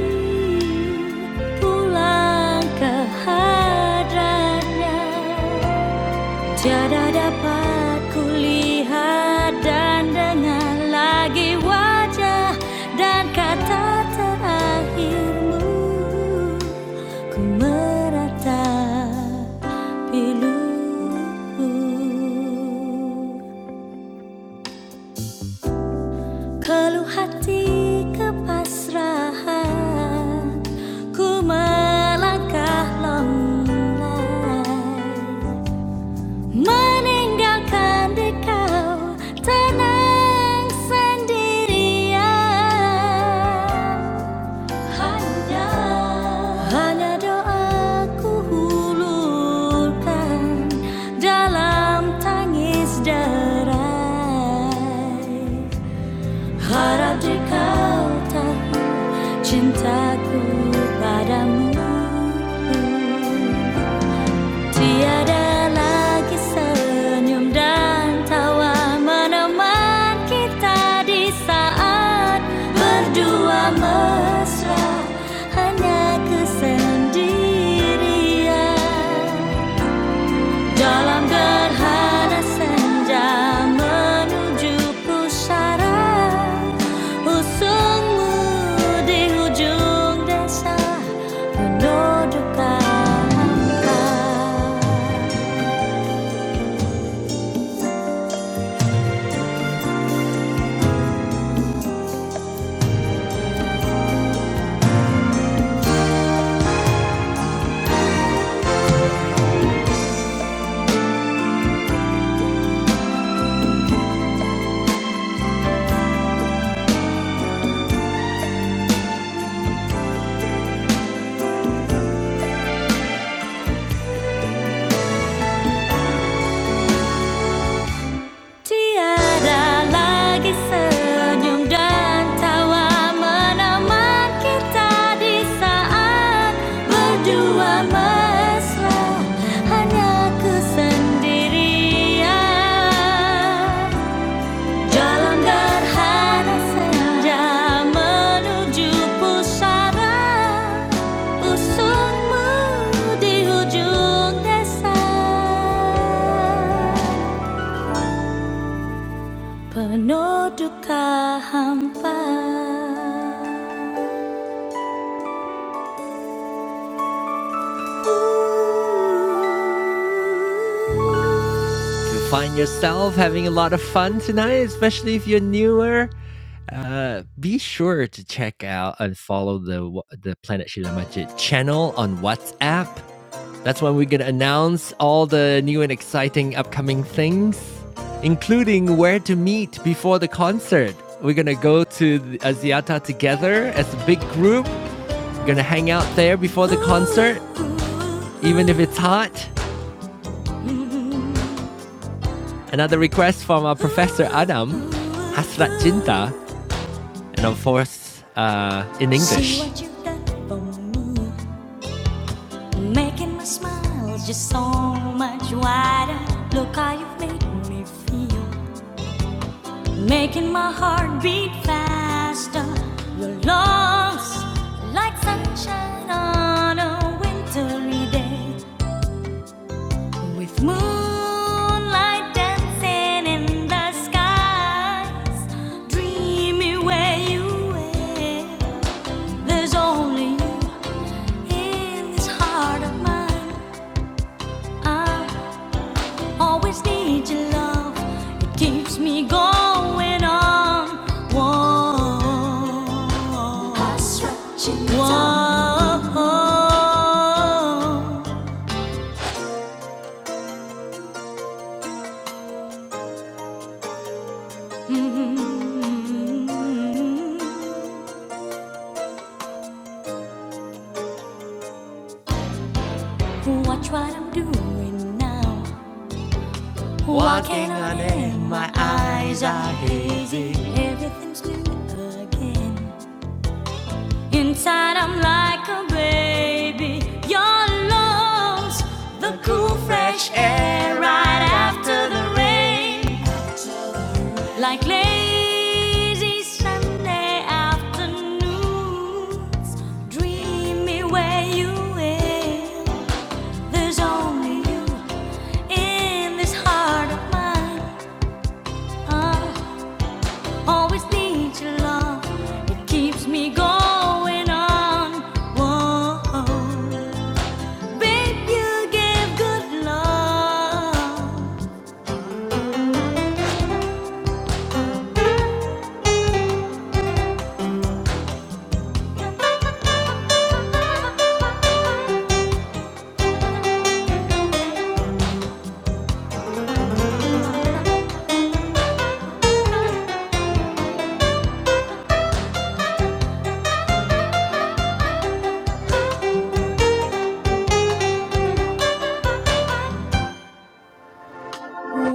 A: Pulang ke hadratnya Tiada dapat kulihat dan dengar lagi wajah dan kata terakhirmu Ku meratap pilu Keluh hati kepasrahan Ku melangkah lemah Meninggalkan dikau tenang sendirian Hanya Hanya doaku hulurkan dalam tangis derai Harap dikau tahu cintaku padamu Tiada lagi senyum dan tawa meneman kita di saat berdua mesra hanya kesendirian dalam gerhana senja menuju pusara usungmu di hujung desa menuju Tiada lagi senyum dan tawa menemani kita di saat berdua mesra hanya kesendirian jalan gerhana senja menuju pusara usutmu di ujung desa. you find yourself having a lot of fun tonight, especially if you're newer, be sure to check out and follow the the Planet Shila Majid channel on WhatsApp. That's when we're gonna announce all the new and exciting upcoming things, including where to meet before the concert. We're gonna go to the Aziata together as a big group. We're gonna hang out there before the concert, even if it's hot. Another request from our professor Adam, Hasrat Jinta, and of course uh, in See English. See what you've done for me, making my smile just so much wider. Look how you've made me feel, making my heart beat faster. Your love's like sunshine on a wintry day, with moonlight dancing in the skies. Dreamy where you were, there's only you. In this heart of mine, I always need your love. It keeps me going on. Whoa, whoa. Mm-hmm. Watch what I'm doing now. Walking on air, my eyes are hazy. Everything's new again. Inside, I'm like a baby. Your lungs, the cool, fresh air right after the rain. Like lazy Sunday afternoons. Dream me where you will. There's only you in this heart of mine. I always need your love. Keeps me going on. Whoa. Babe, you gave good love.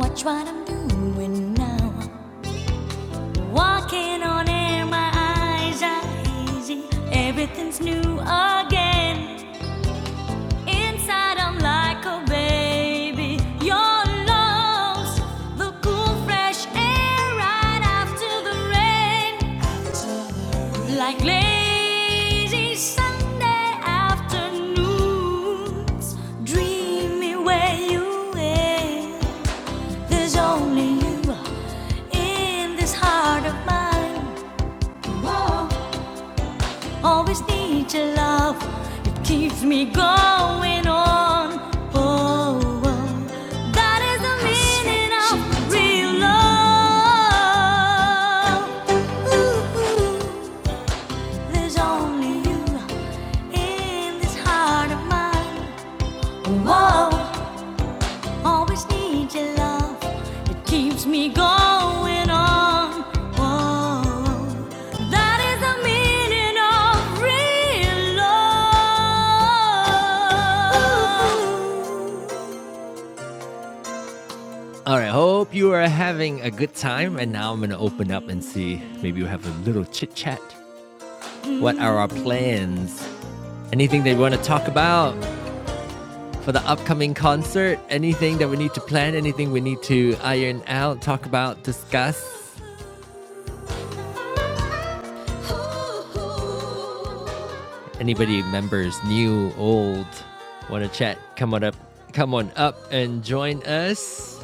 A: Watch what I'm doing now. Walking on air, my eyes are easy. Everything's new again. Inside, I'm like a baby. Your love's the cool, fresh air right after the rain. Like lazy Sunday afternoons, dreamy where you are. There's only you in this heart of mine. Whoa. Always need your love, it keeps me going on. Oh, oh. that is the meaning of real love. Ooh, ooh. There's only you in this heart of mine. Whoa, always need your love. It keeps me going on. Whoa, that is the meaning of real love. All right, hope you are having a good time. And now I'm going to open up and see. Maybe we'll have a little chit chat. What are our plans? Anything that you want to talk about? for the upcoming concert, anything that we need to plan, anything we need to iron out, talk about, discuss. Anybody members, new, old, want to chat? Come on up, come on up and join us.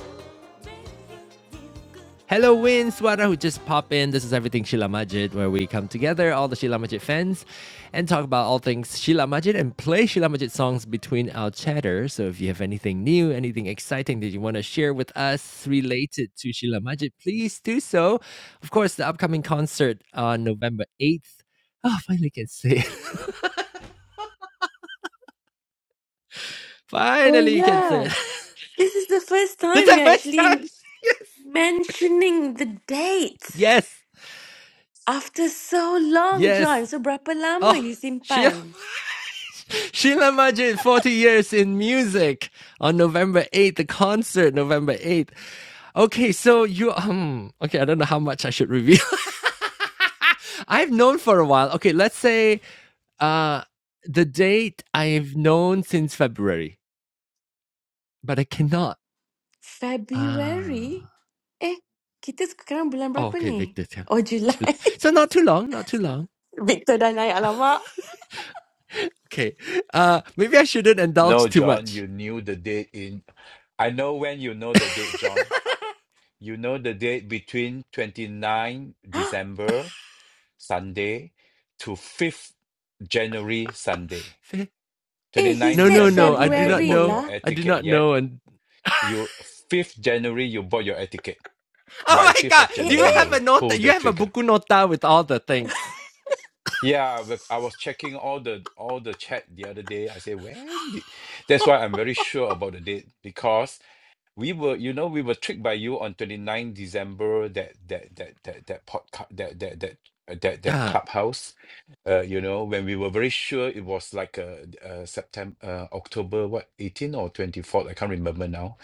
A: Hello, Win Sweater, who just popped in. This is Everything Sheila Majid, where we come together, all the Sheila Majid fans, and talk about all things Sheila Majid and play Sheila Majid songs between our chatter. So if you have anything new, anything exciting that you want to share with us related to Sheila Majid, please do so. Of course, the upcoming concert on November 8th. Oh, finally can say it.
B: Oh
A: finally you can say it.
B: yeah. This is the first
A: That's
B: time
A: the
B: we're
A: first time.
B: actually mentioning the date
A: Yes.
B: after so long, John.
A: Yes.
B: So berapa lama
A: Oh,
B: you
A: Sheila.
B: simpan?
A: Sheila Majid, 40 years in music on November 8th, the concert, November 8th. Okay, so you, um, okay, I don't know how much I should reveal. I've known for a while. Okay, let's say uh, the date I've known since February, but I cannot. Ah,
B: February? Eh, kita sekarang bulan
A: oh,
B: berapa
A: okay,
B: ni?
A: Victor. Tiang.
B: Oh, Julai.
A: So not too long, not too long.
B: Victor dan I, alamak.
A: Okay, uh, maybe I shouldn't
C: No,
A: indulge too
C: John,
A: much.
C: you knew the date in. I know when you know the date, John. You know the date between 29 December Sunday to 5th January Sunday.
B: Eh, he
C: 29
A: No,
B: said
A: no,
C: December,
A: no. I
C: you
A: do
C: haven't
A: not
B: February
C: bought
A: know.
C: your
B: lah.
C: air
A: I do
C: ticket
A: not
C: yet.
A: know, and
C: You 5th January, you bought your air ticket. By
A: Oh my
C: 5th
A: god!
C: of
B: Eh,
A: Do you
C: January,
B: eh.
A: have
C: you
A: a
C: pull
A: nota? You
C: the
A: have a
C: trigger.
A: buku nota with all the things.
C: Yeah, but I was checking all the all the chat the other day. I said, when did... that's why I'm very sure about the date because We were, you know, we were tricked by you on 29 December that that that that that podcast that that that uh, that that
A: Ah.
C: clubhouse uh, you know when we were very sure it was like uh, uh september uh, october what 18 or 24th i can't remember now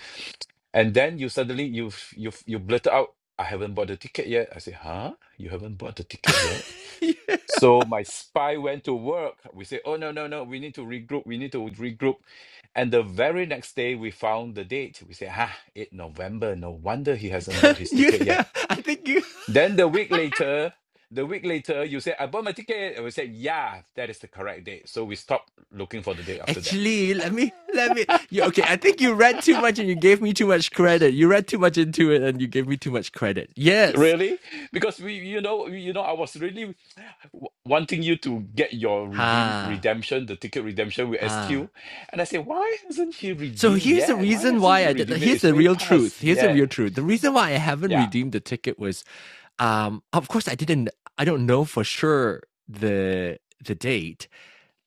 C: and then you suddenly you you you blurted out i haven't bought the ticket yet i said huh you haven't bought the ticket yet so my spy went to work. We say, oh, no, no, no, we need to regroup. We need to regroup. And the very next day, we found the date. We say, ah, 8 November. No wonder he hasn't bought his
A: you,
C: ticket yet.
A: I think you
C: Then the week later, the week later, you said I bought my ticket. And we said, yeah, that is the correct date. So we stopped looking for the date after that.
A: actually let me let me. You, okay, I think you read too much and you gave me too much credit. You read too much into it and you gave me too much credit. Yes.
C: Really? Because we, you know, you know, I was really w- wanting you to get your redeem
A: Ha
C: redemption, the ticket redemption with SQ,
A: ha.
C: and I said, why hasn't he
A: So
C: redeemed
A: here's the
C: yet? Why
A: reason
C: hasn't
A: why
C: he
A: I did.
C: redeemed it?
A: Here's
C: It's
A: the
C: way
A: real
C: past.
A: truth. Here's the
C: Yeah,
A: real truth. The reason why I haven't
C: yeah,
A: redeemed the ticket was um of course i didn't i don't know for sure the the date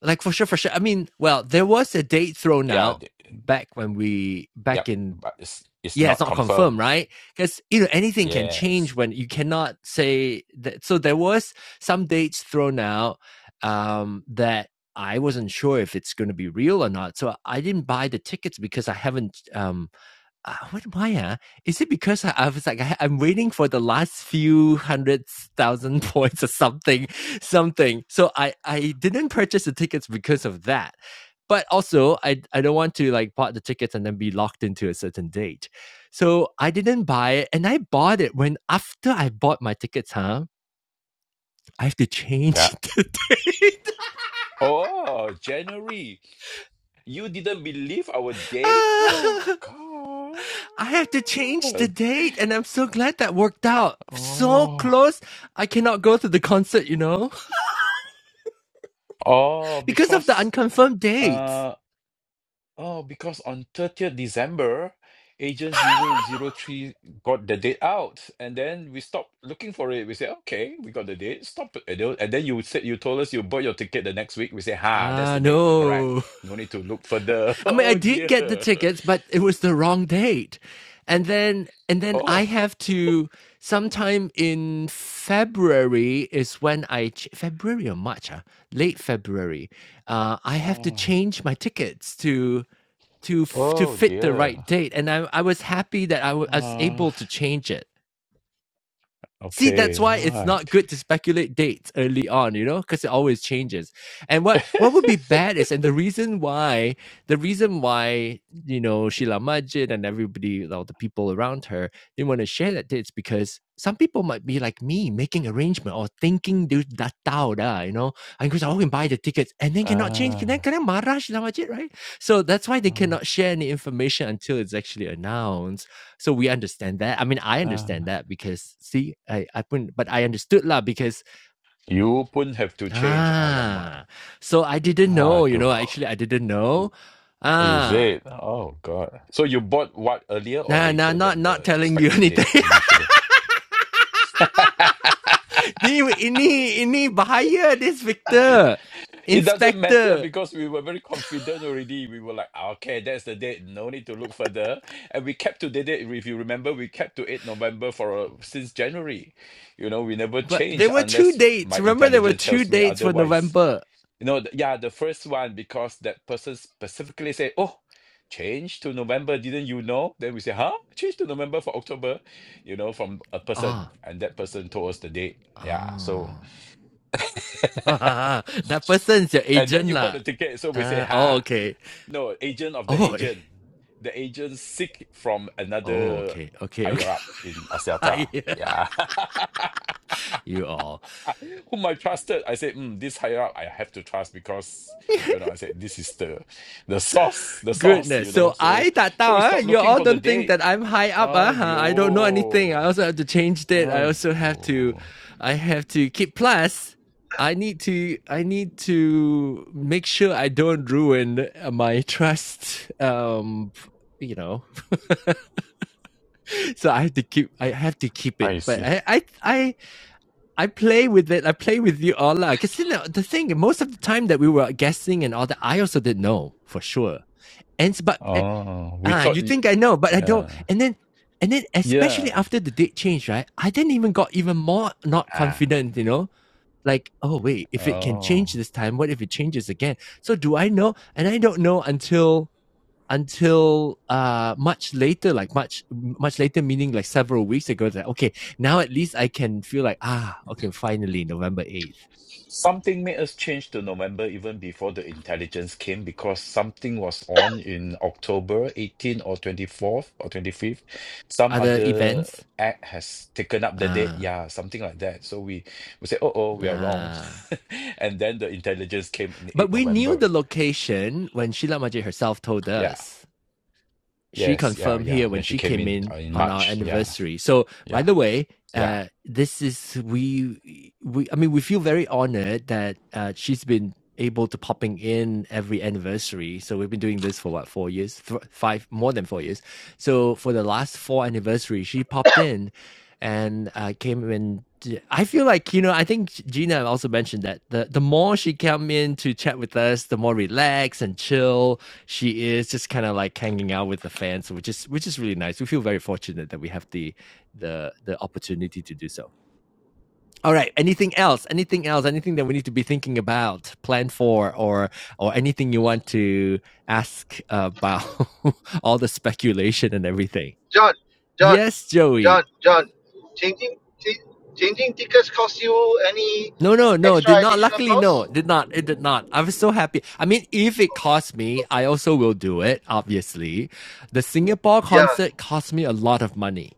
A: like for sure, for sure. I mean, well, there was a date thrown
C: yeah,
A: out
C: the-
A: back when we back
C: yep.
A: in.
C: But it's it's
A: Yeah, it's
C: not
A: not confirmed,
C: confirmed.
A: right? Because you know anything can change
C: Yes.
A: when you cannot say that. So there was some dates thrown out um, that I wasn't sure if it's going to be real or not. So I didn't buy the tickets because I haven't um, uh, what, why? Uh, is it because I, I was like, I, I'm waiting for the last few hundred thousand points or something, something. So I, I didn't purchase the tickets because of that. But also, I, I don't want to like bought the tickets and then be locked into a certain date. So I didn't buy it. And I bought it when after I bought my tickets, huh? I have to
C: Yeah.
A: change the, t-
C: Oh, January. You didn't believe our date? Oh
A: I
C: God.
A: have to change the date. And I'm so glad that worked out. So
C: Oh.
A: close. I cannot go to the concert, you know?
C: Oh,
A: because of the
C: because
A: unconfirmed
C: uh
A: dates.
C: Oh, because on 30th December, Agent Zero Zero Three got the date out, and then we stopped looking for it. We said, "Okay, we got the date. Stop." it." And then and then you said you told us you bought your ticket the next week. We say, "Ha, that's
A: Ah,
C: the date. Correct.
A: no.
C: No need to look further."
A: I mean, I
C: Oh
A: did
C: dear.
A: get the tickets, but it was the wrong date. And then, and then I
C: Oh.
A: have to sometime in February is when I, ch- February or March, ah, late February, uh, I have to
C: Oh.
A: change my tickets to, to, f- to
C: Oh
A: fit the
C: dear.
A: right date. And I, I was happy that I wa- I was
C: Uh,
A: able to change it. See, that's
C: okay,
A: why it's not
C: right.
A: good to speculate dates early on, you know, because it always changes. And what what would be bad is, and the reason why, the reason why, you know, Sheila Majid and everybody, all the people around her, didn't want to share that dates because some people might be like me, making arrangement or thinking do that tau da, you know, and because I can buy the tickets and then cannot change, then
C: Ah,
A: can I marah Sheila Majid, right? So that's why they
C: ah,
A: cannot share any information until it's actually announced so we understand that. I mean, I understand
C: ah.
A: that because see, I I put, but I understood lah because
C: You pun have to change. Alamak.
A: ah, so I didn't know. You know,
C: Aduh.
A: actually, I didn't know.
C: Oh, Is
A: Ah,
C: it? Oh God. So you bought what earlier or
A: nah, nah,
C: later
A: not
C: than
A: not
C: the
A: telling you
C: expected date
A: anything.
C: initially?
A: Ni ini ini bahaya this Victor,
C: It doesn't matter
A: Inspector.
C: because we were very confident already. We were like, "Ah, okay, that's the date. No need to look further. And we kept to the date. If you remember, we kept to 8 November for uh, since January. You know, we never
A: But
C: change
A: there were two
C: unless my
A: dates. Remember, there were
C: intelligence
A: two
C: tells me
A: dates for
C: otherwise.
A: November.
C: You know, th- yeah, the first one because that person specifically say, "Oh, change to November, didn't you know?" Then we say, "Huh? Change to November for October," you know, from a person,
A: Ah, oh,
C: and that person told us the date. Yeah,
A: ah. Oh.
C: so
A: that person is your
C: and then
A: agent
C: you bought
A: lah.
C: the ticket, so we say,
A: Uh, oh,
C: "Ha,
A: okay.
C: no, agent of the
A: Oh, eh.
C: agent, the agent sick from
A: oh,
C: another
A: okay, okay,
C: higher
A: okay.
C: up in Axiata." Yeah,
A: you all.
C: I, whom I trusted. I said, mm, this higher up, I have to trust because you know, I said this is the the source, the source,
A: Goodness.
C: you know.
A: So
C: So
A: I that
C: so we
A: down. Huh?
C: stopped
A: You
C: looking
A: all
C: for the
A: don't think
C: date.
A: that I'm high up. Huh? Huh, I don't know anything. I
C: Ayo.
A: also have to change that. I also have to.
C: Ayo.
A: I have to keep plus. I need to. I need to make sure I don't ruin uh, my trust. Um, you know. So I have to keep. I have to keep
C: I
A: it. But
C: see.
A: I. I. I I play with it. I play with you all. Because you know, the thing, most of the time that we were guessing and all that, I also didn't know for sure. And but eh,
C: Oh, we
A: ah,
C: thought
A: you
C: y-
A: think I know, but I don't.
C: yeah.
A: And then, and then, especially
C: Yeah.
A: after the date change, right? I then even got even more not
C: Ah.
A: confident. You know, like oh wait, if it can change
C: Oh.
A: this time, what if it changes again? So do I know? And I don't know until until uh much later like much much later meaning like several weeks ago that okay now at least i can feel like ah okay finally november 8th
C: Something made us change to November even before the intelligence came because something was on in October 18 or 24th or 25th. Some
A: other
C: other
A: events
C: act has taken up the date.
A: uh,
C: Yeah, something like that. So we, we say, oh, oh, we are wrong.
A: uh
C: and then the intelligence came on the
A: but
C: eighth
A: we knew
C: November.
A: the location when sheila majid herself told
C: Yeah.
A: us she
C: Yes. Yeah.
A: confirmed
C: Yeah.
A: here
C: When
A: when
C: she
A: she
C: came
A: came
C: in uh,
A: in
C: in
A: on our
C: March. Yeah.
A: anniversary so by
C: Yeah.
A: the way
C: Yeah.
A: uh this is we we i mean we feel very honored that uh she's been able to popping in every anniversary. So we've been doing this for what four years, Th- five more than four years. So for the last four anniversary, she popped in and uh, came in. I feel like you know. I think Gina also mentioned that the the more she came in to chat with us, the more relaxed and chill she is. Just kind of like hanging out with the fans, which is which is really nice. We feel very fortunate that we have the the the opportunity to do so. All right. Anything else? Anything else? Anything that we need to be thinking about, plan for, or or anything you want to ask about all the speculation and everything?
E: John, John,
A: Yes, Joey.
E: John, John, changing ch- changing tickets cost you any
A: No, no, no.
E: extra
A: Did not.
E: additional
A: Luckily, no.
E: cost?
A: Did not. It did not. I was so happy. I mean, if it
E: Oh,
A: cost me, I
E: okay.
A: also will do it. Obviously, the Singapore
E: Yeah,
A: concert cost me a lot of money.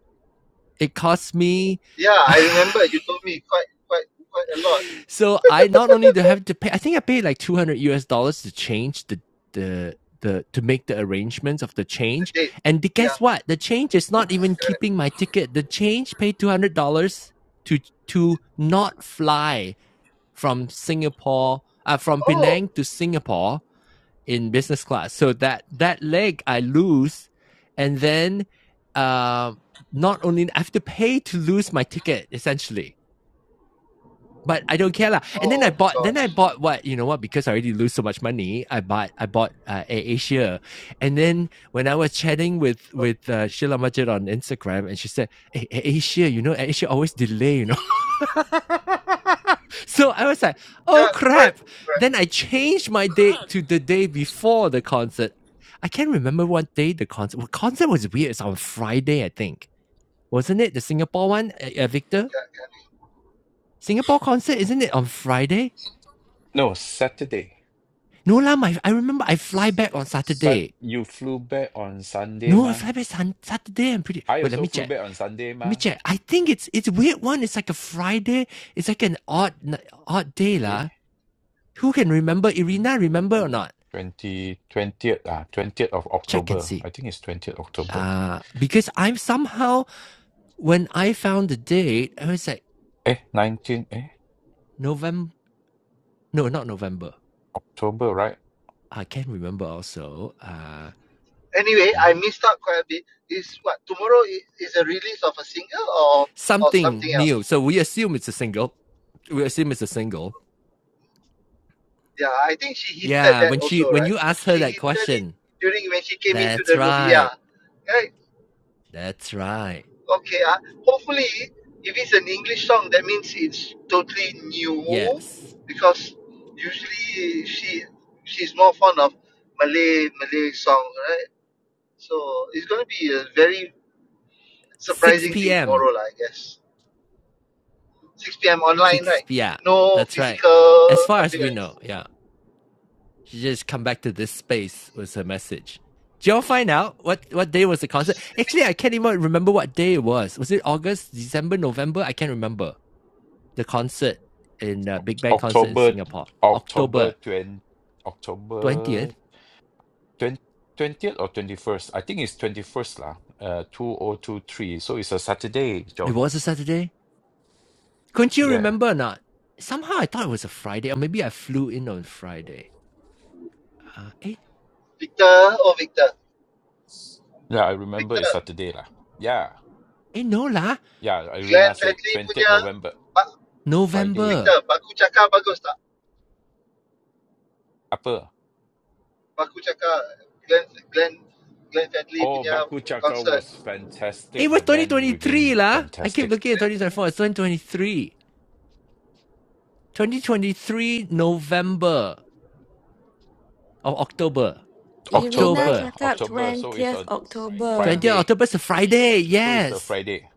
A: It cost me.
E: yeah, I remember you told me quite quite quite a lot
A: So I not only do I have to pay, I think I paid like two hundred US dollars to change the the the to make the arrangements of the
E: the
A: change.
E: date.
A: And the, guess
E: Yeah,
A: what? The change is not even
E: correct.
A: keeping my ticket. The change paid two hundred dollars to to not fly from Singapore uh, from
E: Oh,
A: Penang to Singapore in business class. So that that leg I lose, and then um uh, not only I have to pay to lose my ticket essentially but I don't care lah. And then I
E: oh
A: bought, then I
E: gosh.
A: bought what you know what because I already lose so much money. I bought, I bought uh, Air Asia, and then when I was chatting with
E: Oh,
A: with uh, Sheila Majid on Instagram, and she said, hey, Air Asia, you know, Air Asia always delay, you know. So I was like, oh
E: yeah, correct,
A: crap.
E: correct.
A: Then I changed my date to the day before the concert. I can't remember what day the concert. Well, concert was weird. It's on Friday, I think, wasn't it? The Singapore one, uh, uh, Victor.
E: Yeah,
A: Singapore concert, isn't it on Friday?
C: No, Saturday.
A: No lah, my I remember I fly
C: S-
A: back on
C: Sat-
A: Saturday.
C: you flew back on Sunday,
A: No, I
C: ma.
A: fly back sun, Saturday. I'm pretty.
C: I
A: Wait, let
C: also
A: me
C: flew
A: check.
C: back on Sunday,
A: Let me
C: ma.
A: check. I think it's it's a weird one. It's like a Friday. It's like an odd odd day
C: eh,
A: lah. Who can remember?
C: eh,
A: Irina, remember or not?
C: 20, twentieth, ah, 20th of
A: Check and
C: October.
A: see.
C: I think it's 20th October.
A: Uh because I'm somehow when I found the date, I was like
C: Eh, 19, eh,
A: November. No, not November.
C: October, right?
A: I can't remember. Also, uh,
E: yeah. Anyway, I
C: Eh,
E: missed out quite a bit. Is what tomorrow i- is a release of a single or or something
A: something
E: else?
A: new. So we assume it's a single. We assume it's a single.
E: Yeah, I think she hinted
A: Yeah,
E: that
A: when she
E: also,
A: when
E: right?
A: you asked her
E: She
A: that
E: hinted it
A: question,
E: during when she came into
A: That's
E: the room. Yeah,
A: right.
E: right.
A: That's right.
E: Okay. Uh, hopefully, if it's an English song, that means it's totally
A: Yes.
E: new, because usually she she's more fond of Malay Malay songs, right? So it's gonna be a very
A: 6
E: surprising thing
A: p.m.
E: tomorrow, lah. I guess. 6 p.m. online,
A: 6
E: right?
A: p. Yeah,
E: No
A: that's right.
E: physical
A: As far as we
E: appearance.
A: know, yeah. She just come back to this space was her message. Did y'all find out what, what day was the concert? Actually, I can't even remember what day it was. Was it August, December, November? I can't remember. The concert in uh, Big Bang concert in
C: October,
A: Singapore.
C: October
A: October
C: 20,
A: 20th.
C: October 20, 20th or 21st. I think it's 21st lah, uh, 2023. So it's a Saturday,
A: It
C: John.
A: was a Saturday. Couldn't you
C: Yeah.
A: remember or not? Somehow I thought it was a Friday, or maybe I flew in on Friday. Uh, eh?
E: Victor, oh Victor,
C: Yeah, I remember
E: Victor.
C: it's Saturday lah. Yeah.
A: Eh, no lah.
C: Yeah, Irina
E: Glenn
C: said
E: Fredly
C: 20th
E: punya
C: November,
E: ba-
A: November.
C: Friday.
E: Victor baku cakar bagus tak?
C: Apa?
E: Baku cakar Glenn Glenn Glenn Fredly
C: Oh,
E: punya
C: Baku Chaka was
E: concert.
A: Eh,
C: fantastic. The
A: what's
C: band
A: 2023
C: remained
A: lah? I keep
C: fantastic.
A: looking at 2024. It's 2023. 2023 November or October.
B: Irina
A: October.
C: October,
B: cakap
C: October. So it's
B: 20th
C: a
B: October.
A: 20th
C: Friday.
A: October is a Friday.
C: So it's a
A: Yes.
C: Friday.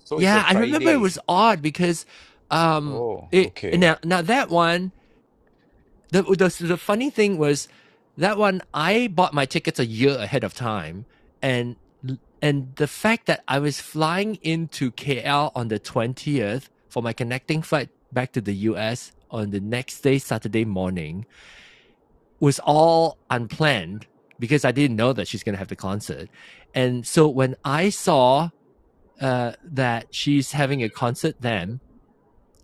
C: So it's a
A: Yeah, I remember it was
C: Friday.
A: odd because um
C: Oh,
A: it
C: okay.
A: now now that one the, the the funny thing was that one I bought my tickets a year ahead of time, and and the fact that I was flying into KL on the twentieth for my connecting flight back to the US on the next day, Saturday morning, was all unplanned because I didn't know that she's going to have the concert, and so when I saw uh, that she's having a concert then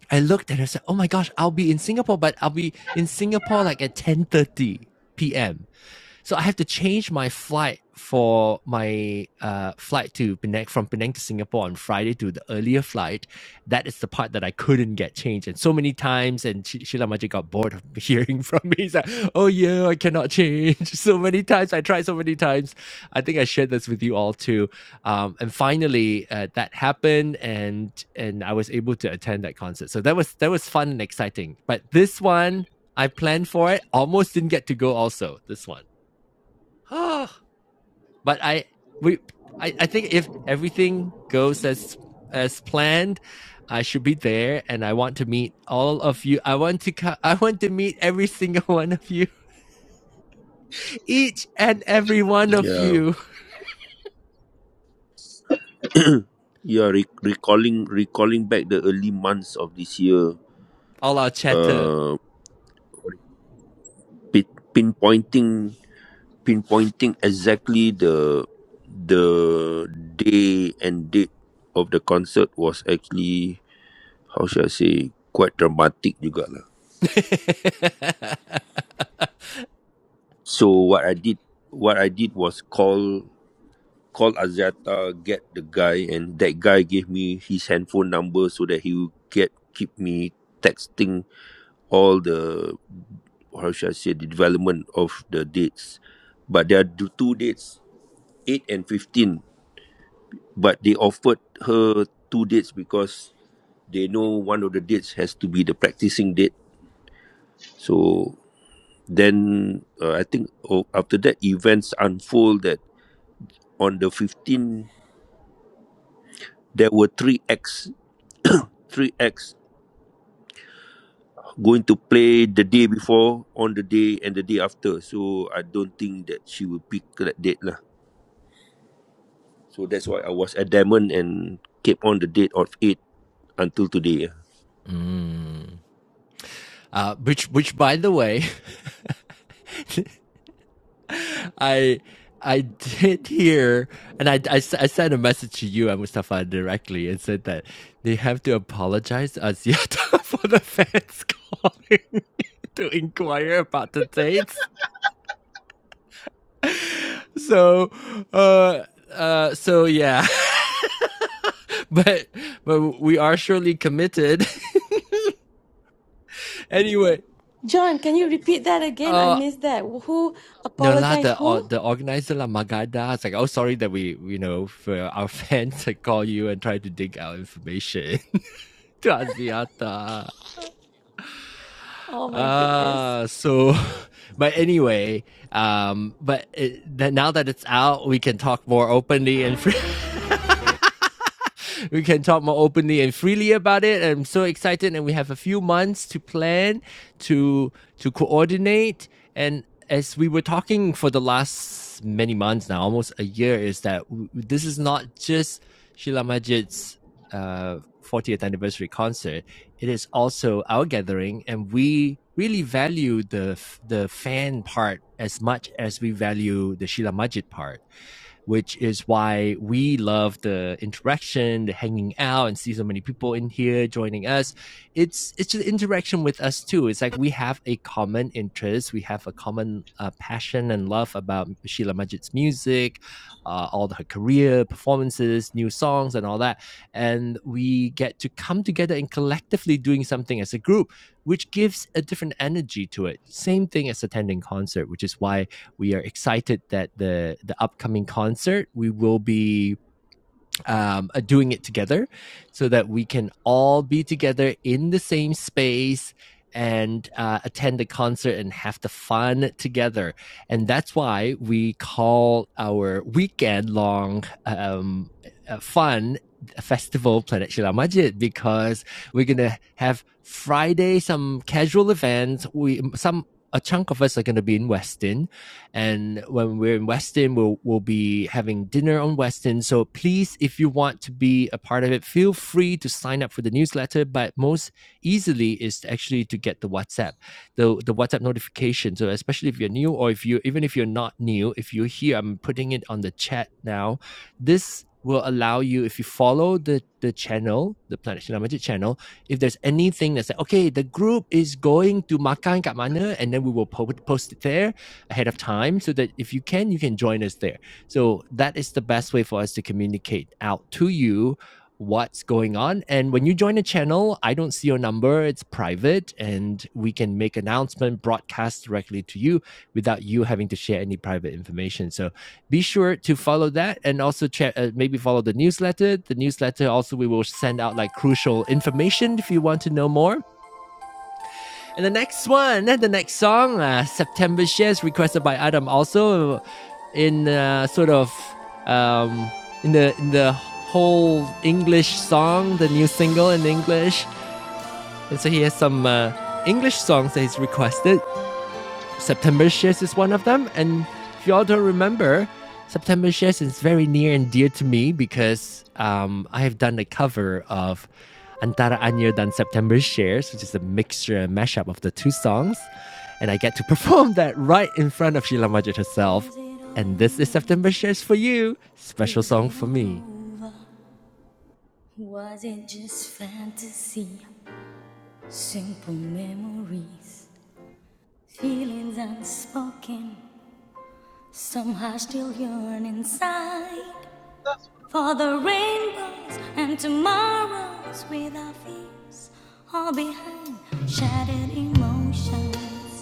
A: I looked at her. I said, "Oh my gosh, I'll be in Singapore, but I'll be in Singapore like at ten thirty p.m." So I have to change my flight for my uh, flight to Penang from Penang to Singapore on Friday to the earlier flight. That is the part that I couldn't get changed. And so many times, and Sh- Sheila Majid got bored of hearing from me. He's like, oh yeah, I cannot change. So many times, I tried so many times. I think I shared this with you all too. Um, and finally, uh, that happened, and and I was able to attend that concert. So that was that was fun and exciting. But this one, I planned for it, almost didn't get to go. Also, this one. but I we I, I think if everything goes as as planned, I should be there, and I want to meet all of you. I want to co- I want to meet every single one of you, each and every one of
F: Yeah.
A: you.
F: yeah, re- recalling recalling back the early months of this year,
A: All our chatter.
F: uh pin- pinpointing pinpointing exactly the the day and date of the concert was actually how should I say quite dramatic juga lah. So what I did what I did was call call Aziata, get the guy and that guy gave me his handphone number so that he would get keep me texting all the how should I say the development of the dates. But there are d- two dates, eight and fifteen. But they offered her two dates because they know one of the dates has to be the practicing date. So then uh, I think oh, after that events unfold that on the 15 there were three acts three acts going to play the day before on the day and the day after so I don't think that she will pick that date lah So that's why I was adamant and kept on the date of it until today.
A: Mm. Uh, which, which, by the way, I I did hear, and I I I sent a message to you and Mustafa directly and said that they have to apologize to Aziata for the fans calling to inquire about the dates. So, uh, uh, so yeah. But but we are surely committed. Anyway,
B: John, can you repeat that again?
A: uh
B: I missed that. Who
A: No lah, the
B: apologized
A: or,
B: who?
A: the organizer la Magada It's like, oh, sorry that we you know for our fans to call you and try to dig out information. Taziata.
B: Oh my goodness.
A: Uh so but anyway, um but it, that now that it's out, we can talk more openly and free- we can talk more openly and freely about it. I'm so excited and we have a few months to plan, to to coordinate and as we were talking for the last many months now, almost a year is that w- this is not just Sheila Majid's uh 40th anniversary concert it is also our gathering, and we really value the the fan part as much as we value the Shila Majid part which is why we love the interaction, the hanging out, and see so many people in here joining us. It's it's just interaction with us too. It's like we have a common interest, we have a common uh, passion and love about Sheila Majid's music, uh, all her career, performances, new songs, and all that. And we get to come together and collectively doing something as a group, which gives a different energy to it. Same thing as attending concert, which is why we are excited that the the upcoming concert we will be um, uh, doing it together, so that we can all be together in the same space and uh, attend the concert and have the fun together. And that's why we call our weekend long um, uh, fun uh, festival Planet Shila Majid because we're gonna have Friday some casual events. We some a chunk of us are gonna be in Westin. And when we're in Weston, we'll we'll be having dinner on Weston. So please, if you want to be a part of it, feel free to sign up for the newsletter. But most easily is actually to get the WhatsApp, the the WhatsApp notification. So especially if you're new, or if you even if you're not new, if you're here, I'm putting it on the chat now. This will allow you if you follow the the channel the planet Shinamaji channel if there's anything that's like okay the group is going to makan kat mana and then we will po- post it there ahead of time so that if you can, you can join us there. So that is the best way for us to communicate out to you what's going on. And when you join a channel, I don't see your number, it's private, and we can make announcement, broadcast directly to you without you having to share any private information. So be sure to follow that and also check, uh, maybe follow the newsletter. The newsletter also, we will send out like crucial information if you want to know more. And the next one, and the next song, uh, September Shares, requested by Adam, also in uh, sort of um, in the in the whole English song, the new single in English. And so he has some uh, English songs that he's requested. September Shares is one of them. And if you all don't remember, September Shares is very near and dear to me because um, I have done a cover of Antara Anyer dan September Shares, which is a mixture and mashup of the two songs. And I get to perform that right in front of Sheila Majid herself. And this is September Shares for you, special song for me. Was it just fantasy? Simple memories, feelings unspoken, Somehow still yearn inside for the rainbows and tomorrows with our fears all behind shattered emotions,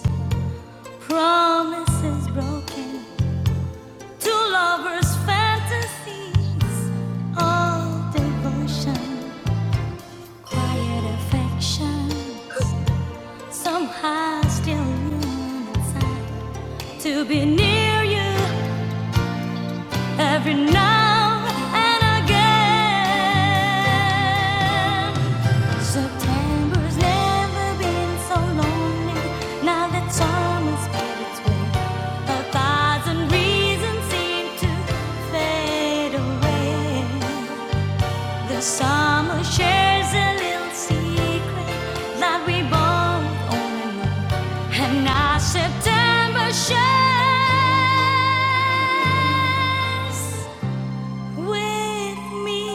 A: promises broken, two lovers' fantasies, all devotion, quiet affection. Somehow still yearn inside to be near you every now and again. September's never been so lonely. Now that summer's made its way, a thousand reasons seem to fade away. The summer shares a little secret that we both only know, and now September shares with me.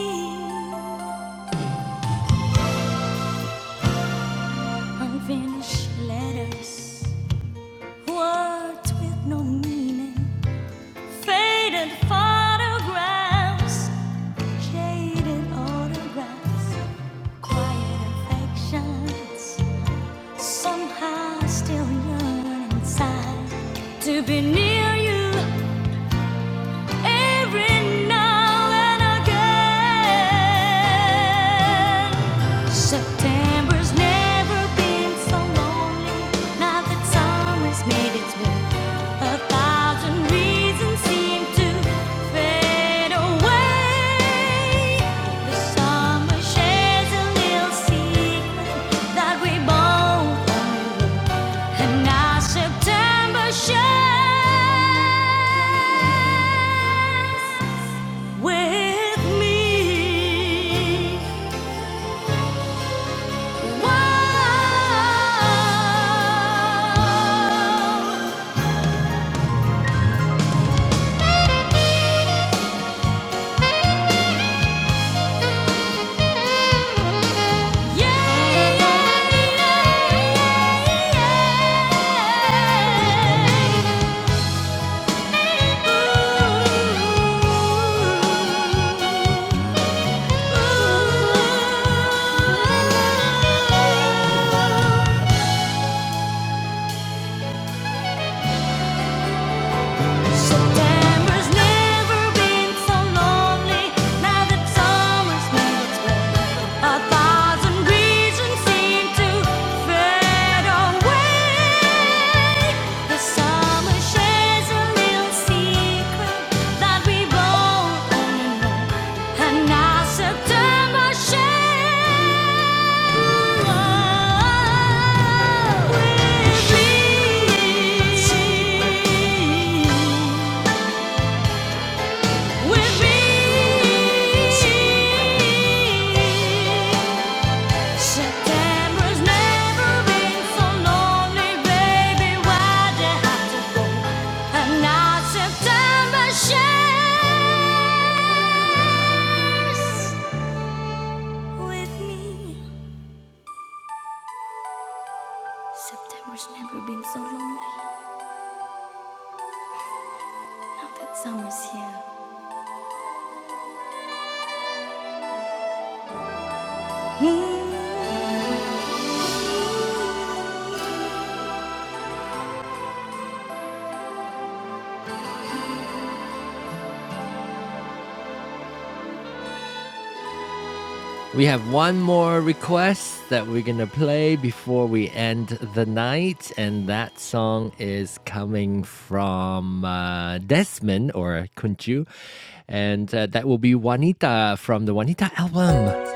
A: Be near you every now and again. September's never been so lonely. Now that summer's made its way, a thousand reasons seem to fade away. The summer shares a little secret that we both And now September shines with me. Whoa. Yeah, yeah, yeah, yeah. Ooh. Ooh. September's never been so lonely. Now that summer's melts, a thousand reasons seem to fade away. The summer shares a little secret that we both only know, and now September shares with me with me. September's never been so lonely, baby. Why did I have to go? And now September shares. September's never been so lonely. Now that summer's here. We have one more request that we're going to play before we end the night, and that song is coming from uh, Desmond or Kunchu, and uh, that will be Juanita from the Juanita album.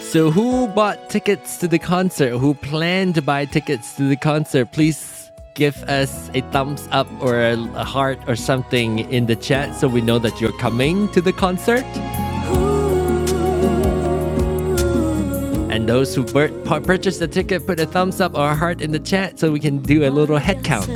A: So, who bought tickets to the concert? Who planned to buy tickets to the concert? Please give us a thumbs up or a heart or something in the chat so we know that you're coming to the concert. And those who purchased the ticket, put a thumbs up or a heart in the chat so we can do a little head count.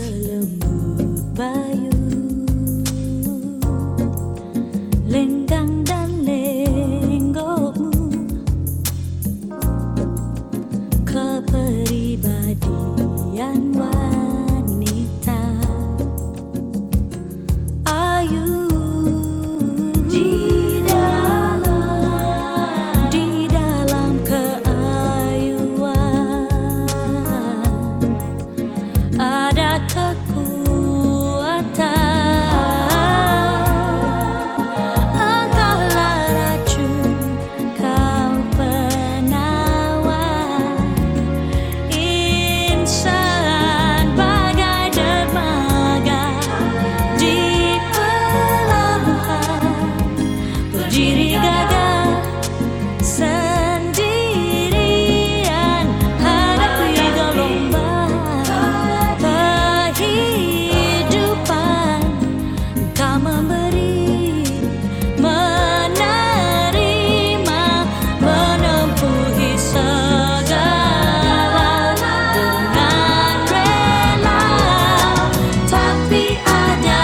A: ada kekuatan Engkaulah racun, kau penawar Insan bagai dermaga Di pelabuhan berdiri gagah Sendirian hadapi gelombang kehidupan Kau memberi, menerima Beri dengan rela Tapi ada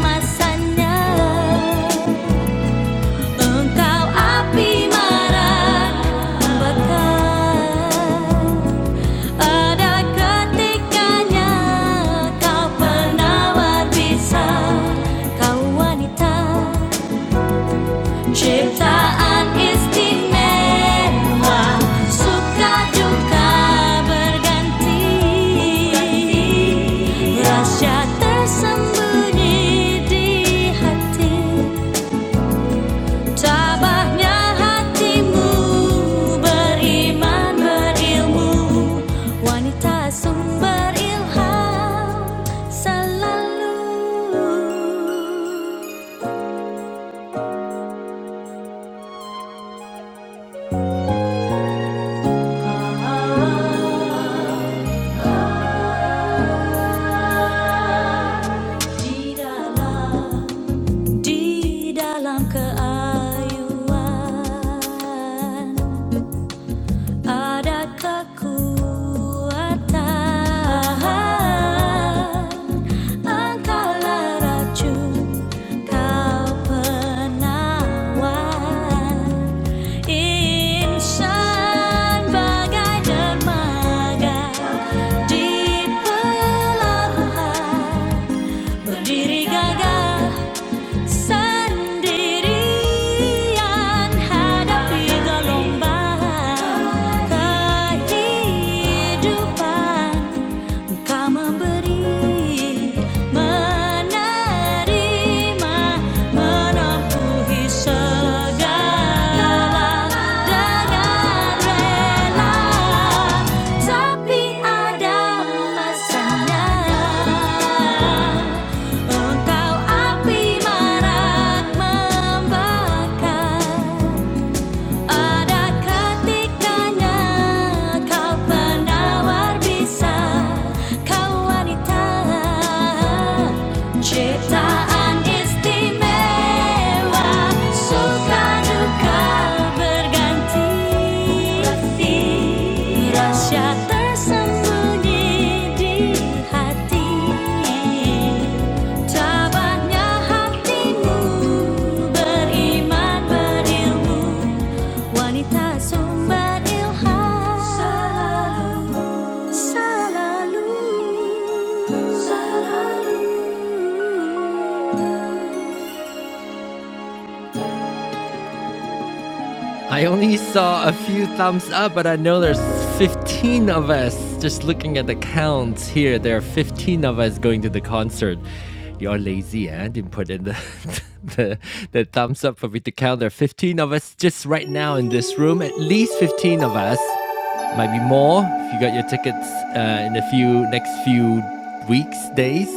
A: masanya Engkau api marah terbakar Pada ketikanya kau penawar bisa Kau wanita ciptaan istimewa Suka juga berganti Rahasia tersembunyi di hati Tabahnya hatimu beriman berilmu wanita sumber lalu di dalam di dalam keayuan ada kekuatan di berdiri gagah sendirian hadapi gelombang kehidupan Kau memberi, menerima, menempuhi segala dengan rela, tapi ada masanya. Engkau api marak membakar. Ada ketikanya kau penawar bisa Kau wanita Ciptaan istimewa Suka duka berganti Rahasia tersembunyi di hati Cabangnya hatimu beriman berilmu wanita sumber ilham selalu selalu selalu I only saw a few thumbs up, but I know there's 15 of us. Just looking at the counts here, there are 15 of us going to the concert. You're lazy, eh? Didn't put in the, the, the thumbs up for me to count. There are 15 of us just right now in this room, at least 15 of us. Might be more if you got your tickets uh, in a few next few weeks, days.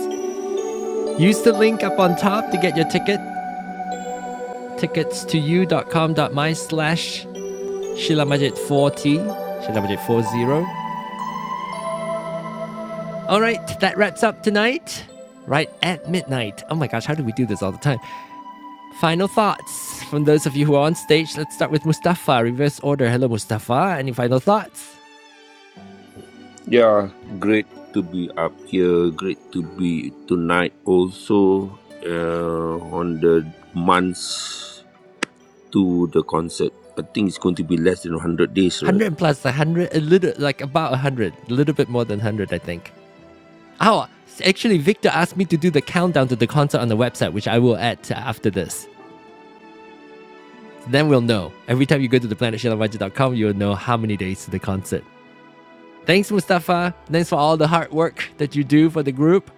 A: Use the link up on top to get your ticket tickets to you.com.my slash Shilla Majid 40, Shilla Majid 40. All right, that wraps up tonight. Right at midnight. Oh my gosh, how do we do this all the time? Final thoughts from those of you who are on stage. Let's start with Mustafa. Reverse order. Hello, Mustafa. Any final thoughts?
F: Yeah, great to be up here. Great to be tonight also uh, on the months to the concert. I think it's going to be less than 100 days, right?
A: 100 plus 100, a little, like about 100, a little bit more than 100, I think. Oh, actually, Victor asked me to do the countdown to the concert on the website, which I will add after this. So Then we'll know. Every time you go to the planetshilamajit.com, you'll know how many days to the concert. Thanks, Mustafa. Thanks for all the hard work that you do for the group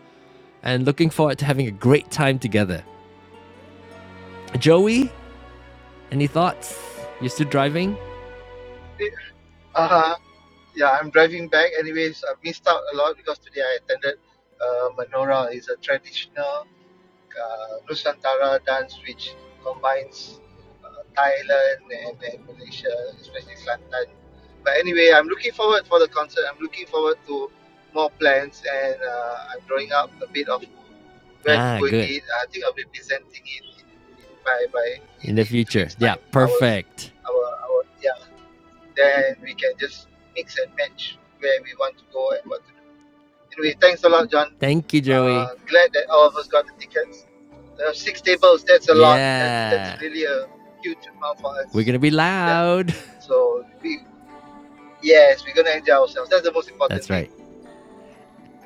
A: and looking forward to having a great time together. Joey, any thoughts? You still driving?
E: Uh, yeah, I'm driving back. Anyways, I missed out a lot because today I attended uh, Menorah. It's a traditional uh, Nusantara dance which combines uh, Thailand and, and Malaysia, especially Kelantan. But anyway, I'm looking forward for the concert. I'm looking forward to more plans, and uh, I'm drawing up a bit of where to
A: Ah,
E: go and
A: good.
E: eat. I think I'll be presenting it in, in, by by in,
A: In the
E: in two
A: future.
E: weeks
A: Yeah,
E: time. Ours,
A: perfect.
E: our our yeah. Then we can just mix and match where we want to go and what to do. Anyway, thanks a lot, John.
A: Thank you,
E: Uh,
A: Joey.
E: glad that all of us got the tickets. Uh, six tables. That's a lot. That's that's
A: Yeah.
E: really a huge amount for
A: We're going
E: us.
A: to be
E: Yeah.
A: loud.
E: So we yes, we're gonna enjoy ourselves. That's the most important
A: That's
E: thing.
A: right.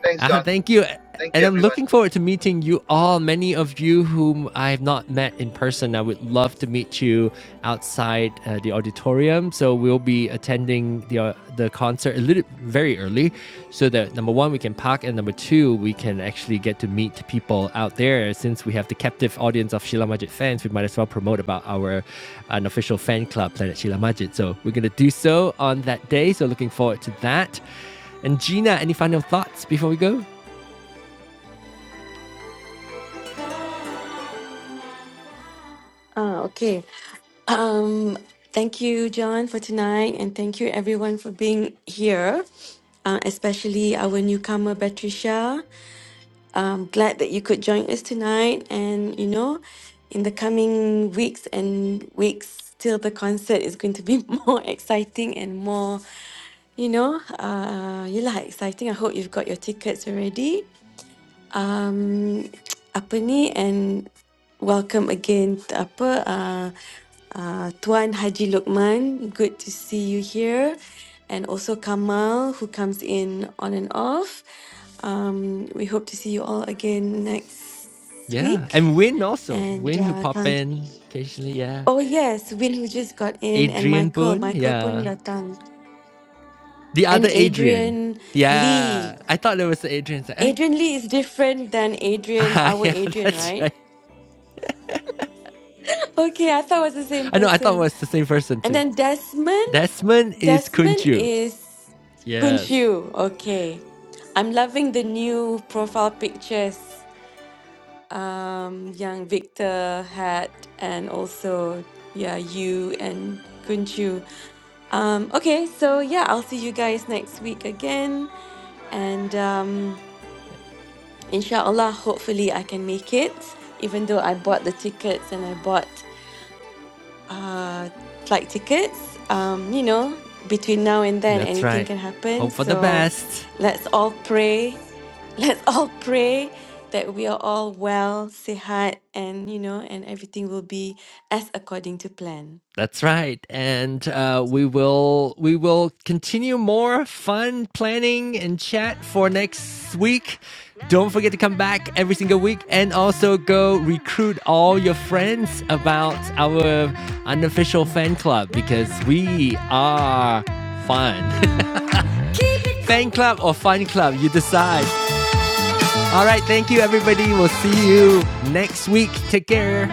E: Thanks,
A: Ah,
E: John.
A: thank you.
E: Thank
A: And
E: you,
A: I'm
E: everyone.
A: looking forward to meeting you all. Many of you whom I have not met in person, I would love to meet you outside uh, the auditorium. So we'll be attending the uh, the concert a little very early, so that number one we can park, and number two we can actually get to meet people out there. Since we have the captive audience of Sheila Majid fans, we might as well promote about our unofficial fan club, Planet Sheila Majid. So we're gonna do so on that day. So looking forward to that. And Gina, any final thoughts before we go?
B: Ah, okay. Um thank you John for tonight and thank you everyone for being here. Uh, especially our newcomer Patricia. i glad that you could join us tonight. And, you know, in the coming weeks and weeks till the concert is going to be more exciting and more, you know, uh, you lah exciting. I hope you've got your tickets already. Um, apa ni? And welcome again, t- apa, uh, uh, Tuan Haji Lokman. Good to see you here. And also Kamal, who comes in on and off. Um, we hope to see you all again next
A: Yeah.
B: week.
A: And Win also.
B: And
A: Win who
B: uh,
A: pop
B: kan-
A: in occasionally, yeah.
B: oh yes, Will who just got in and
A: Adrian
B: Michael,
A: Boone,
B: Michael pun
A: yeah.
B: datang
A: The
B: and
A: other Adrian.
B: Adrian
A: Yeah.
B: Lee.
A: I thought there was the Adrian. It's like, hey.
B: Adrian Lee is different than Adrian,
A: Ah,
B: our
A: yeah,
B: Adrian,
A: that's
B: right?
A: right.
B: Okay, I thought it was the same
A: I know, I thought it
B: person.
A: was the same person
B: And
A: too.
B: then Desmond,
A: Desmond is
B: Desmond
A: Kunchu.
B: is
A: Yes,
B: Kunshu. Okay, I'm loving the new profile pictures. um, young Victor had, and also yeah, you and Kunchu. Um, okay, so yeah, I'll see you guys next week again, and um, inshallah, hopefully I can make it. Even though I bought the tickets and I bought uh flight tickets, um, you know, between now and then
A: that's
B: anything
A: right.
B: can happen.
A: Hope for the
B: So
A: best.
B: let's all pray Let's all pray that we are all well, sihat, and you know, and everything will be as according to plan.
A: That's right, and uh, we will we will continue more fun planning and chat for next week. Don't forget to come back every single week, and also go recruit all your friends about our unofficial fan club because we are fun. fan club or fun club, you decide. All right, thank you, everybody. We'll see you next week. Take care.